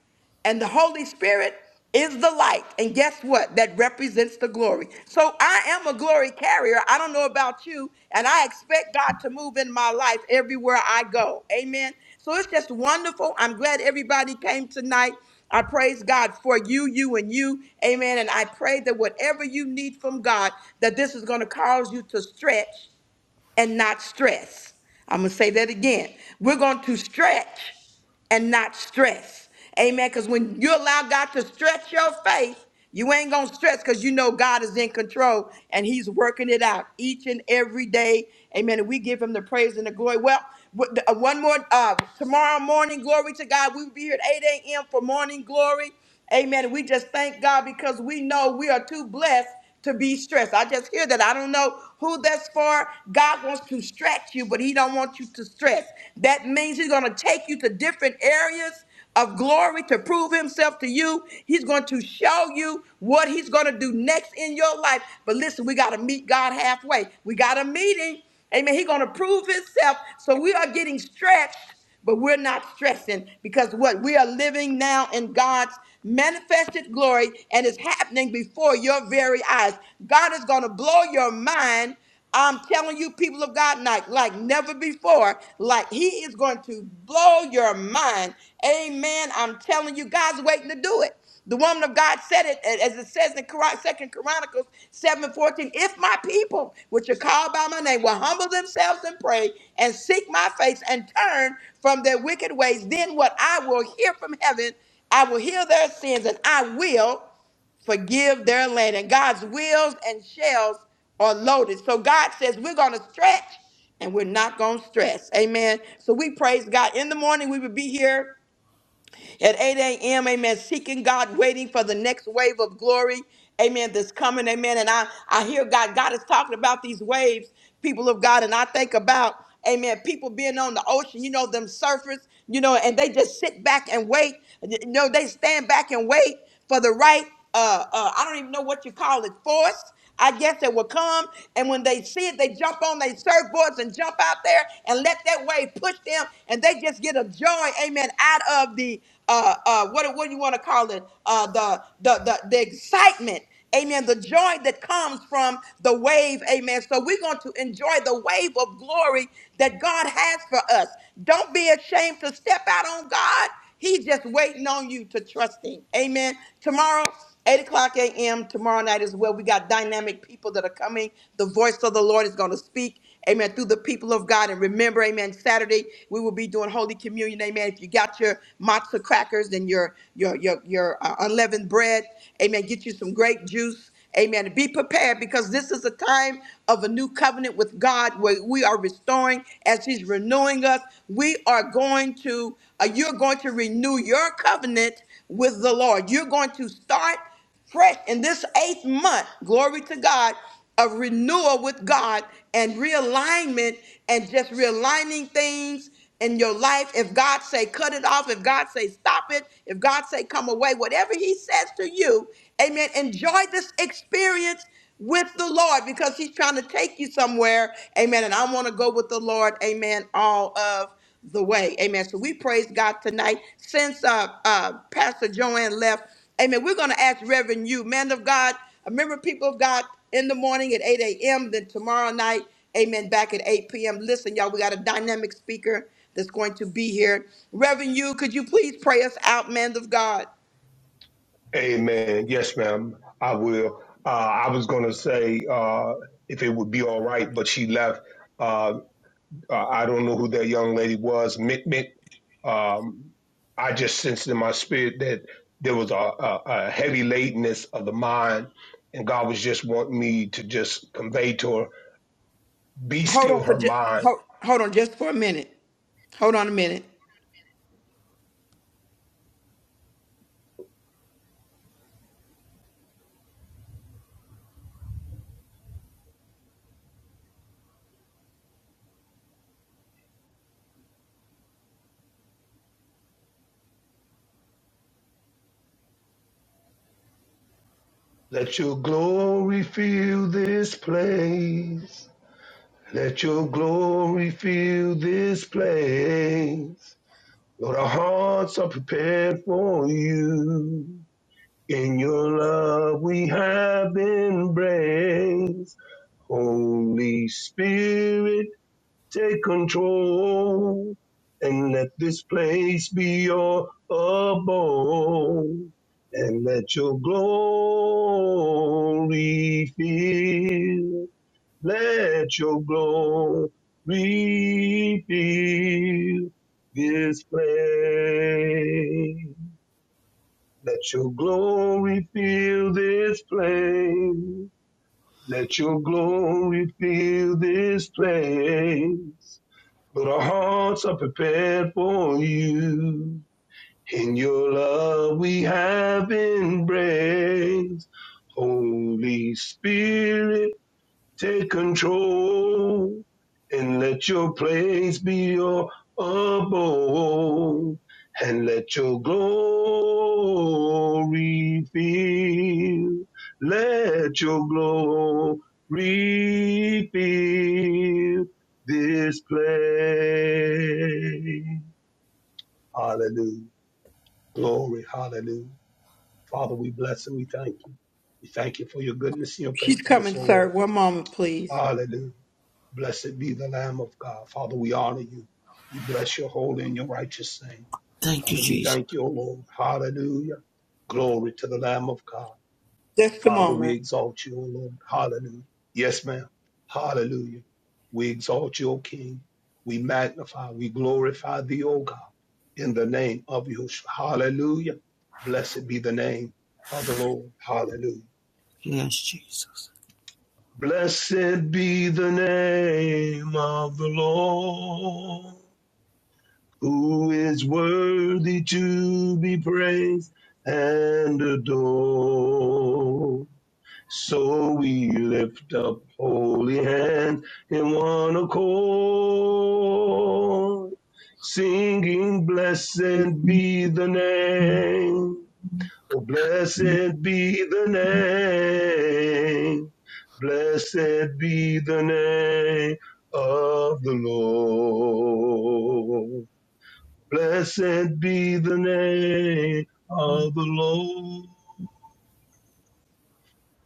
and the Holy Spirit is the light. And guess what? That represents the glory. So I am a glory carrier. I don't know about you, and I expect God to move in my life everywhere I go. Amen. So it's just wonderful. I'm glad everybody came tonight. I praise God for you, you, and you. Amen. And I pray that whatever you need from God, that this is going to cause you to stretch and not stress. I'm going to say that again. We're going to stretch and not stress. Amen. Because when you allow God to stretch your faith, you ain't going to stress because you know God is in control and He's working it out each and every day. Amen. And we give Him the praise and the glory. Well, what- uh, one more uh, tomorrow morning, glory to God. We will be here at 8 a.m. for morning glory. Amen. And we just thank God because we know we are too blessed to be stressed. I just hear that. I don't know who that's for. God wants to stretch you, but he don't want you to stress. That means he's going to take you to different areas of glory to prove himself to you. He's going to show you what he's going to do next in your life. But listen, we got to meet God halfway. We got a meeting. Amen. He's going to prove himself. So we are getting stretched but we're not stressing because what we are living now in God's manifested glory and it's happening before your very eyes. God is going to blow your mind. I'm telling you, people of God, like, like never before, like He is going to blow your mind. Amen. I'm telling you, God's waiting to do it. The woman of God said it as it says in Second Chronicles seven fourteen. If my people, which are called by my name, will humble themselves and pray and seek my face and turn from their wicked ways, then what I will hear from heaven, I will heal their sins and I will forgive their land. And God's wills and shells are loaded. So God says, we're going to stretch and we're not going to stress. Amen. So we praise God. In the morning, we will be here at 8 a.m. Amen. Seeking God, waiting for the next wave of glory. Amen. That's coming. Amen. And I, I hear God. God is talking about these waves, people of God. And I think about, amen, people being on the ocean, you know, them surfers, you know, and they just sit back and wait. You know, they stand back and wait for the right, uh, uh, I don't even know what you call it, force. I guess it will come, and when they see it, they jump on their surfboards and jump out there and let that wave push them, and they just get a joy, amen, out of the uh uh what what do you want to call it? Uh the the the, the excitement. Amen. The joy that comes from the wave. Amen. So we're going to enjoy the wave of glory that God has for us. Don't be ashamed to step out on God. He's just waiting on you to trust him. Amen. Tomorrow 8 o'clock a.m. tomorrow night as well. We got dynamic people that are coming. The voice of the Lord is going to speak, amen, through the people of God. And remember, amen, Saturday we will be doing Holy Communion, amen. If you got your matzo crackers and your, your, your, your uh, unleavened bread, amen, get you some grape juice. Amen. Be prepared because this is a time of a new covenant with God where we are restoring as He's renewing us. We are going to, uh, you're going to renew your covenant with the Lord. You're going to start fresh in this eighth month. Glory to God. Of renewal with God and realignment and just realigning things in your life. If God say cut it off, if God say stop it, if God say come away, whatever he says to you, amen, enjoy this experience with the Lord because he's trying to take you somewhere. Amen. And I want to go with the Lord, amen, all of the way. Amen. So we praise God tonight. Since uh, uh, Pastor Joanne left, amen, we're going to ask Reverend you, man of God, remember people of God in the morning at 8 a.m., then tomorrow night, amen, back at 8 p.m. Listen, y'all, we got a dynamic speaker that's going to be here. Reverend you, could you please pray us out, man of God? Amen. Yes, ma'am. I will. Uh, I was going to say uh, if it would be all right, but she left. Uh, uh, I don't know who that young lady was. Mick Mick. Um, I just sensed in my spirit that there was a, a, a heavy lateness of the mind, and God was just wanting me to just convey to her, be Hold still on for her just, mind. hold, hold on just for a minute. Hold on a minute. Let your glory fill this place. Let your glory fill this place. Lord, our hearts are prepared for you. In your love we have embraced. Holy Spirit, take control and let this place be your abode. And let your glory fill let your glory fill this place. Let your glory fill this place. Let your glory fill this place. But our hearts are prepared for you. In your love we have embraced. Holy Spirit, Take control and let your praise be your abode and let your glory fill. Let your glory fill this place. Hallelujah. Glory. Hallelujah. Father, we bless and we thank you. We thank you for your goodness and your She's faithfulness, coming, O Lord. sir. One moment, please. Hallelujah. Blessed be the Lamb of God. Father, we honor you. We bless your holy and your righteous name. Father, we Jesus. thank you, O Lord. Hallelujah. Glory to the Lamb of God. Just a Father, we moment. exalt you, O Lord. Hallelujah. Yes, ma'am. Hallelujah. We exalt you, O King. We magnify, we glorify thee, O God, in the name of Yahushua. Hallelujah. Blessed be the name of the Lord. Hallelujah. Yes, Jesus. Blessed be the name of the Lord, who is worthy to be praised and adored. So we lift up holy hands in one accord, singing, Blessed be the name Oh, Blessed be the name. Blessed be the name of the Lord. Blessed be the name of the Lord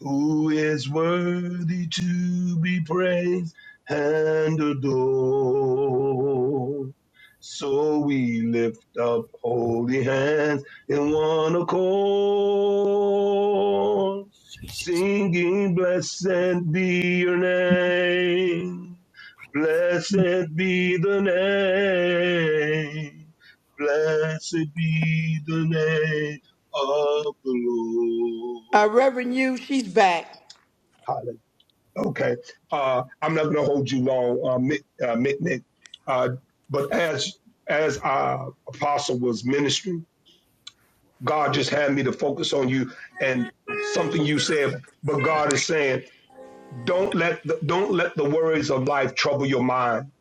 who is worthy to be praised and adored. So we lift up holy hands in one accord, Jesus. singing, Blessed be your name, blessed be the name, blessed be the name of the Uh, Reverend you, she's back. Lord. Okay. Uh, I'm not going to hold you long, uh, Mick, uh, Mick Nick. Uh, but as as our apostle was ministering, God just had me to focus on you and something you said. But God is saying, don't let the, don't let the worries of life trouble your mind.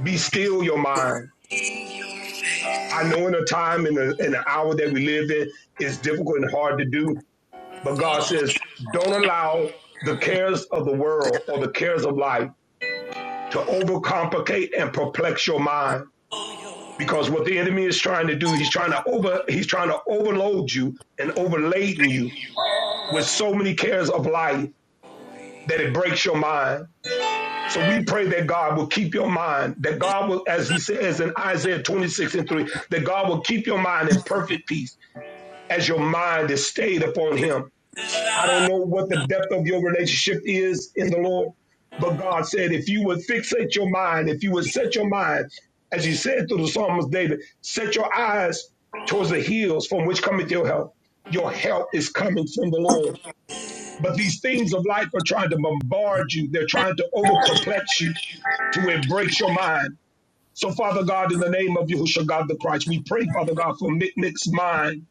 Be still your mind. I know in a time in the in the hour that we live in, it's difficult and hard to do. But God says, don't allow the cares of the world or the cares of life to overcomplicate and perplex your mind. Because what the enemy is trying to do, he's trying to over, he's trying to overload you and overladen you with so many cares of life that it breaks your mind. So we pray that God will keep your mind, that God will, as he says in Isaiah 26 and 3, that God will keep your mind in perfect peace as your mind is stayed upon him I don't know what the depth of your relationship is in the Lord, but God said, if you would fixate your mind, if you would set your mind, as you said to the psalmist David, set your eyes towards the hills from which cometh your help. Your help is coming from the Lord. But these things of life are trying to bombard you. They're trying to over perplex you to where it breaks your mind. So, Father God, in the name of Yahushua God the Christ, we pray, Father God, for Mi- Nick's mind.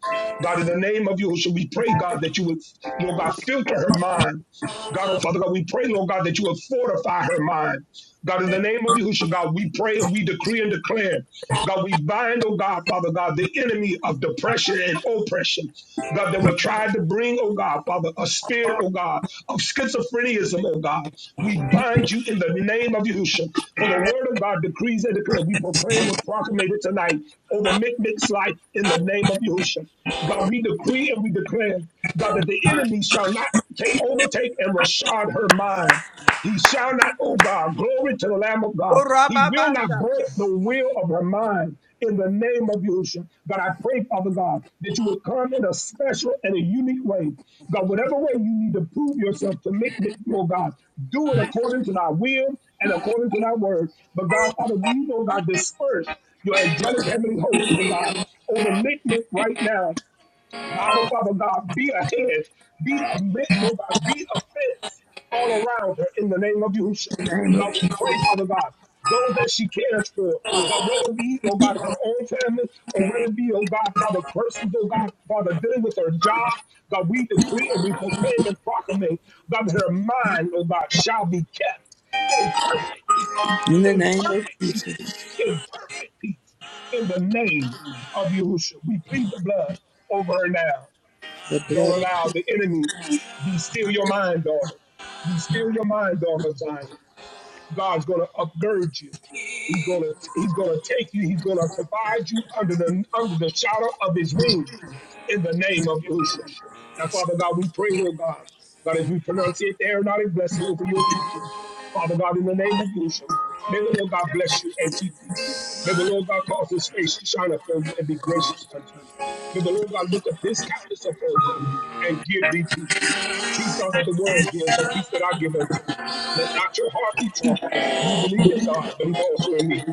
God, in the name of Yahushua, we pray, God, that you would, Lord God, filter her mind. God, oh Father God, we pray, Lord God, that you would fortify her mind. God, in the name of Yahushua, God, we pray and we decree and declare. God, we bind, oh God, Father God, the enemy of depression and oppression. God, that will try to bring, oh God, Father, a spirit, oh God, of schizophreniaism, oh God. We bind you in the name of Yahushua. For the word of God decrees and declares. We proclaim and proclamate it tonight over Mick's life in the name of Yahushua. God, we decree and we declare, God, that the enemy shall not take, overtake and rashad her mind. He shall not, O God, glory to the Lamb of God. He will not break Orababashata. the will of her mind in the name of Yahushua. God, I pray, Father God, that you would come in a special and a unique way. God, whatever way you need to prove yourself to make me, oh God, do it according to thy will and according to thy word. But God, Father, we, oh God, disperse your angelic heavenly host, oh God, over Mick right now God, oh Father God, be a hedge, be a mitt, oh God, be a fence all around her in the name of Yahushua. And God, we pray, Father God, those that she cares for, God, whether it be, oh God, her own family, or whether it be, oh God, other persons, oh God, Father, dealing with her job, God, we decree and we proclaim and proclamate, God, that her mind, oh God, shall be kept in perfect peace, In the in name of perfect peace, Jesus, in perfect peace, in the name of Yahushua. We plead the blood over her now. the Don't blood of Jesus. allow the enemy be still your mind, daughter. Be still your mind, daughter of Zion. God's going to upgird you. He's going to he's going to take you. He's going to provide you under the under the shadow of His wings in the name of Yahushua. Now, Father God, we pray, Lord God, God, as we pronounce it, there not a blessing over your people. Father God, in the name of Yahushua, may the Lord God bless you and keep you. May the Lord God cause His face to shine upon you and be gracious unto you. May the Lord God lift up His countenance upon thee and give thee peace. Peace not that the world give, but peace that I give unto you. Let not your heart be troubled. Ye believe in God, believe also in me.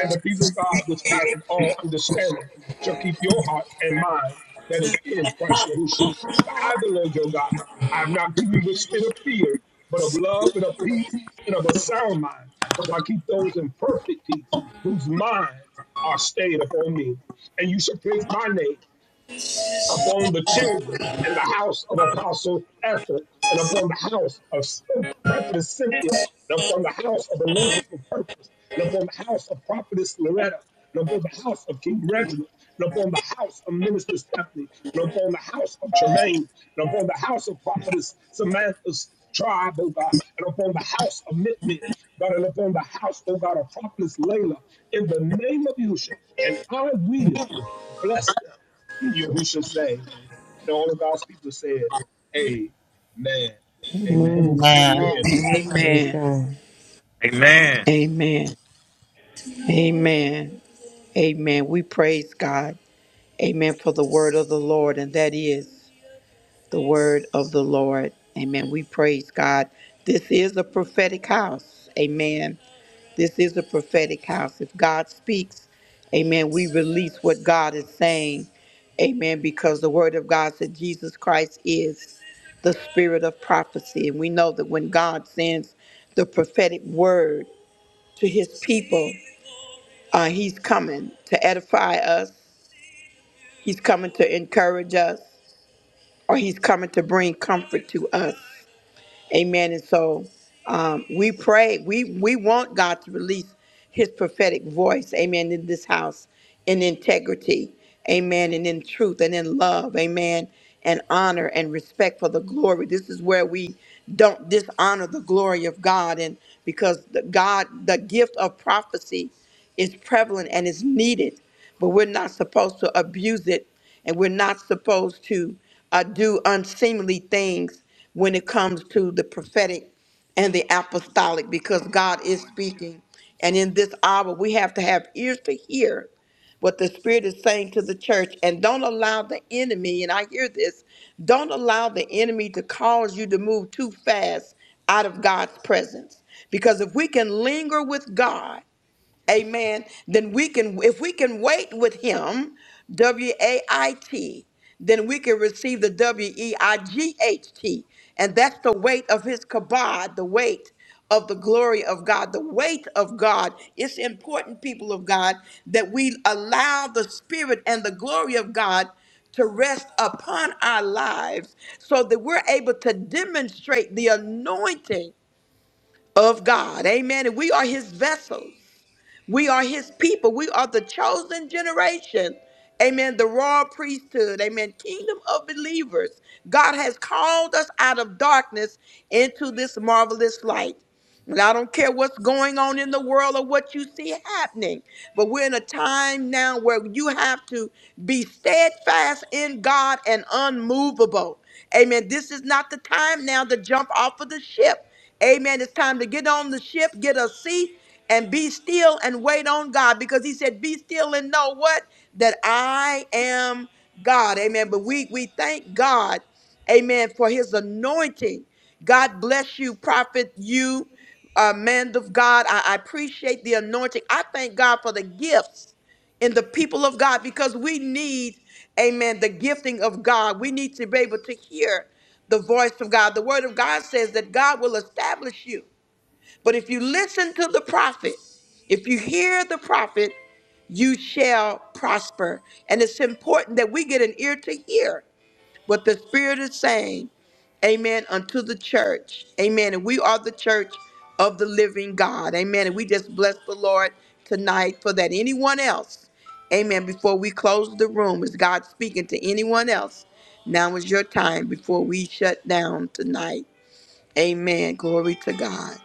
And the peace of God, which passeth all understanding, shall keep your hearts and minds that is in Christ Yahushua. For I, the Lord your God, I have not given you the spirit of fear, but of love and of peace and of a sound mind, because I keep those in perfect peace, whose minds are stayed upon me. And you shall place my name upon the children and the house of Apostle Ethel, and upon the house of Prophetess Cynthia, and upon the house of Anointed for Purpose, and upon the house of Prophetess Loretta, and upon the house of King Reginald, and upon the house of Minister Stephanie, and upon the house of Tremaine, and upon the house of Prophetess Samantha's tribe, oh God, and upon the house of Mitmit, God, and upon the house, oh God, of Prophetess Layla, in the name of Yusha, and I will bless them in Yahushua's name. And all of God's people said, Amen and amen. Amen. Back Amen. in your hands, Amen. Apostle. Praise Amen. God. Amen. Amen. Amen. Amen. We praise God. Amen for the word of the Lord, and that is the word of the Lord. Amen. We praise God. This is a prophetic house. Amen. This is a prophetic house. If God speaks, amen, we release what God is saying, amen, because the word of God said Jesus Christ is the spirit of prophecy. And we know that when God sends the prophetic word to his people, uh, he's coming to edify us, he's coming to encourage us, or he's coming to bring comfort to us. Amen. And so um, we pray, we, we want God to release his prophetic voice, amen, in this house in integrity, amen, and in truth and in love, amen, and honor and respect for the glory. This is where we don't dishonor the glory of God. And because the God, the gift of prophecy is prevalent and is needed, but we're not supposed to abuse it and we're not supposed to uh, do unseemly things when it comes to the prophetic and the apostolic because God is speaking. And in this hour, we have to have ears to hear what the Spirit is saying to the church. And don't allow the enemy, and I hear this, don't allow the enemy to cause you to move too fast out of God's presence. Because if we can linger with God, amen, then we can, if we can wait with him, W A I T, then we can receive the W E I G H T. And that's the weight of his kabod, the weight of the glory of God, the weight of God. It's important, people of God, that we allow the spirit and the glory of God to rest upon our lives so that we're able to demonstrate the anointing of God. Amen. And we are his vessels. We are his people. We are the chosen generation. Amen. The royal priesthood. Amen. Kingdom of believers. God has called us out of darkness into this marvelous light. And I don't care what's going on in the world or what you see happening, but we're in a time now where you have to be steadfast in God and unmovable. Amen. This is not the time now to jump off of the ship. Amen. It's time to get on the ship, get a seat, and be still and wait on God because He said, Be still and know what? That I am God. Amen. But we, we thank God, amen, for His anointing. God bless you, prophet, you uh, man of God. I, I appreciate the anointing. I thank God for the gifts in the people of God because we need, amen, the gifting of God. We need to be able to hear the voice of God. The word of God says that God will establish you. But if you listen to the prophet, if you hear the prophet, you shall prosper. And it's important that we get an ear to hear what the Spirit is saying, amen, unto the church. Amen. And we are the church of the living God. Amen. And we just bless the Lord tonight for that. Anyone else, amen, before we close the room, is God speaking to anyone else? Now is your time before we shut down tonight. Amen. Glory to God.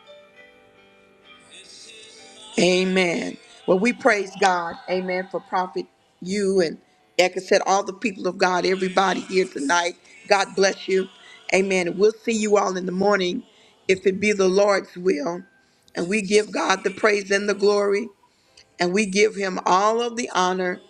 Amen. Well, we praise God. Amen. For Prophet you and, like I said, all the people of God, everybody here tonight. God bless you. Amen. And we'll see you all in the morning if it be the Lord's will. And we give God the praise and the glory. And we give him all of the honor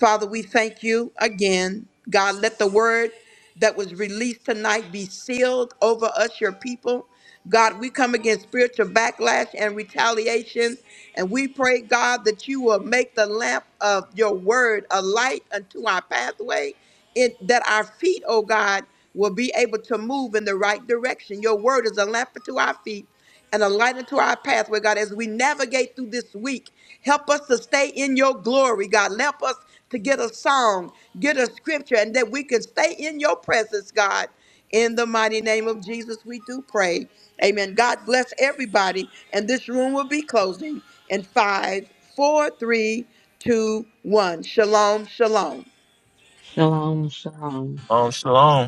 Father, we thank you again. God, let the word that was released tonight be sealed over us, your people. God, we come against spiritual backlash and retaliation. And we pray, God, that you will make the lamp of your word a light unto our pathway, it, that our feet, oh God, will be able to move in the right direction. Your word is a lamp unto our feet and a light into our pathway, God, as we navigate through this week. Help us to stay in your glory, God. Help us to get a song, get a scripture, and that we can stay in your presence, God. In the mighty name of Jesus, we do pray. Amen. God bless everybody. And this room will be closing in five, four, three, two, one. Shalom, shalom. Shalom. Shalom. Um, shalom.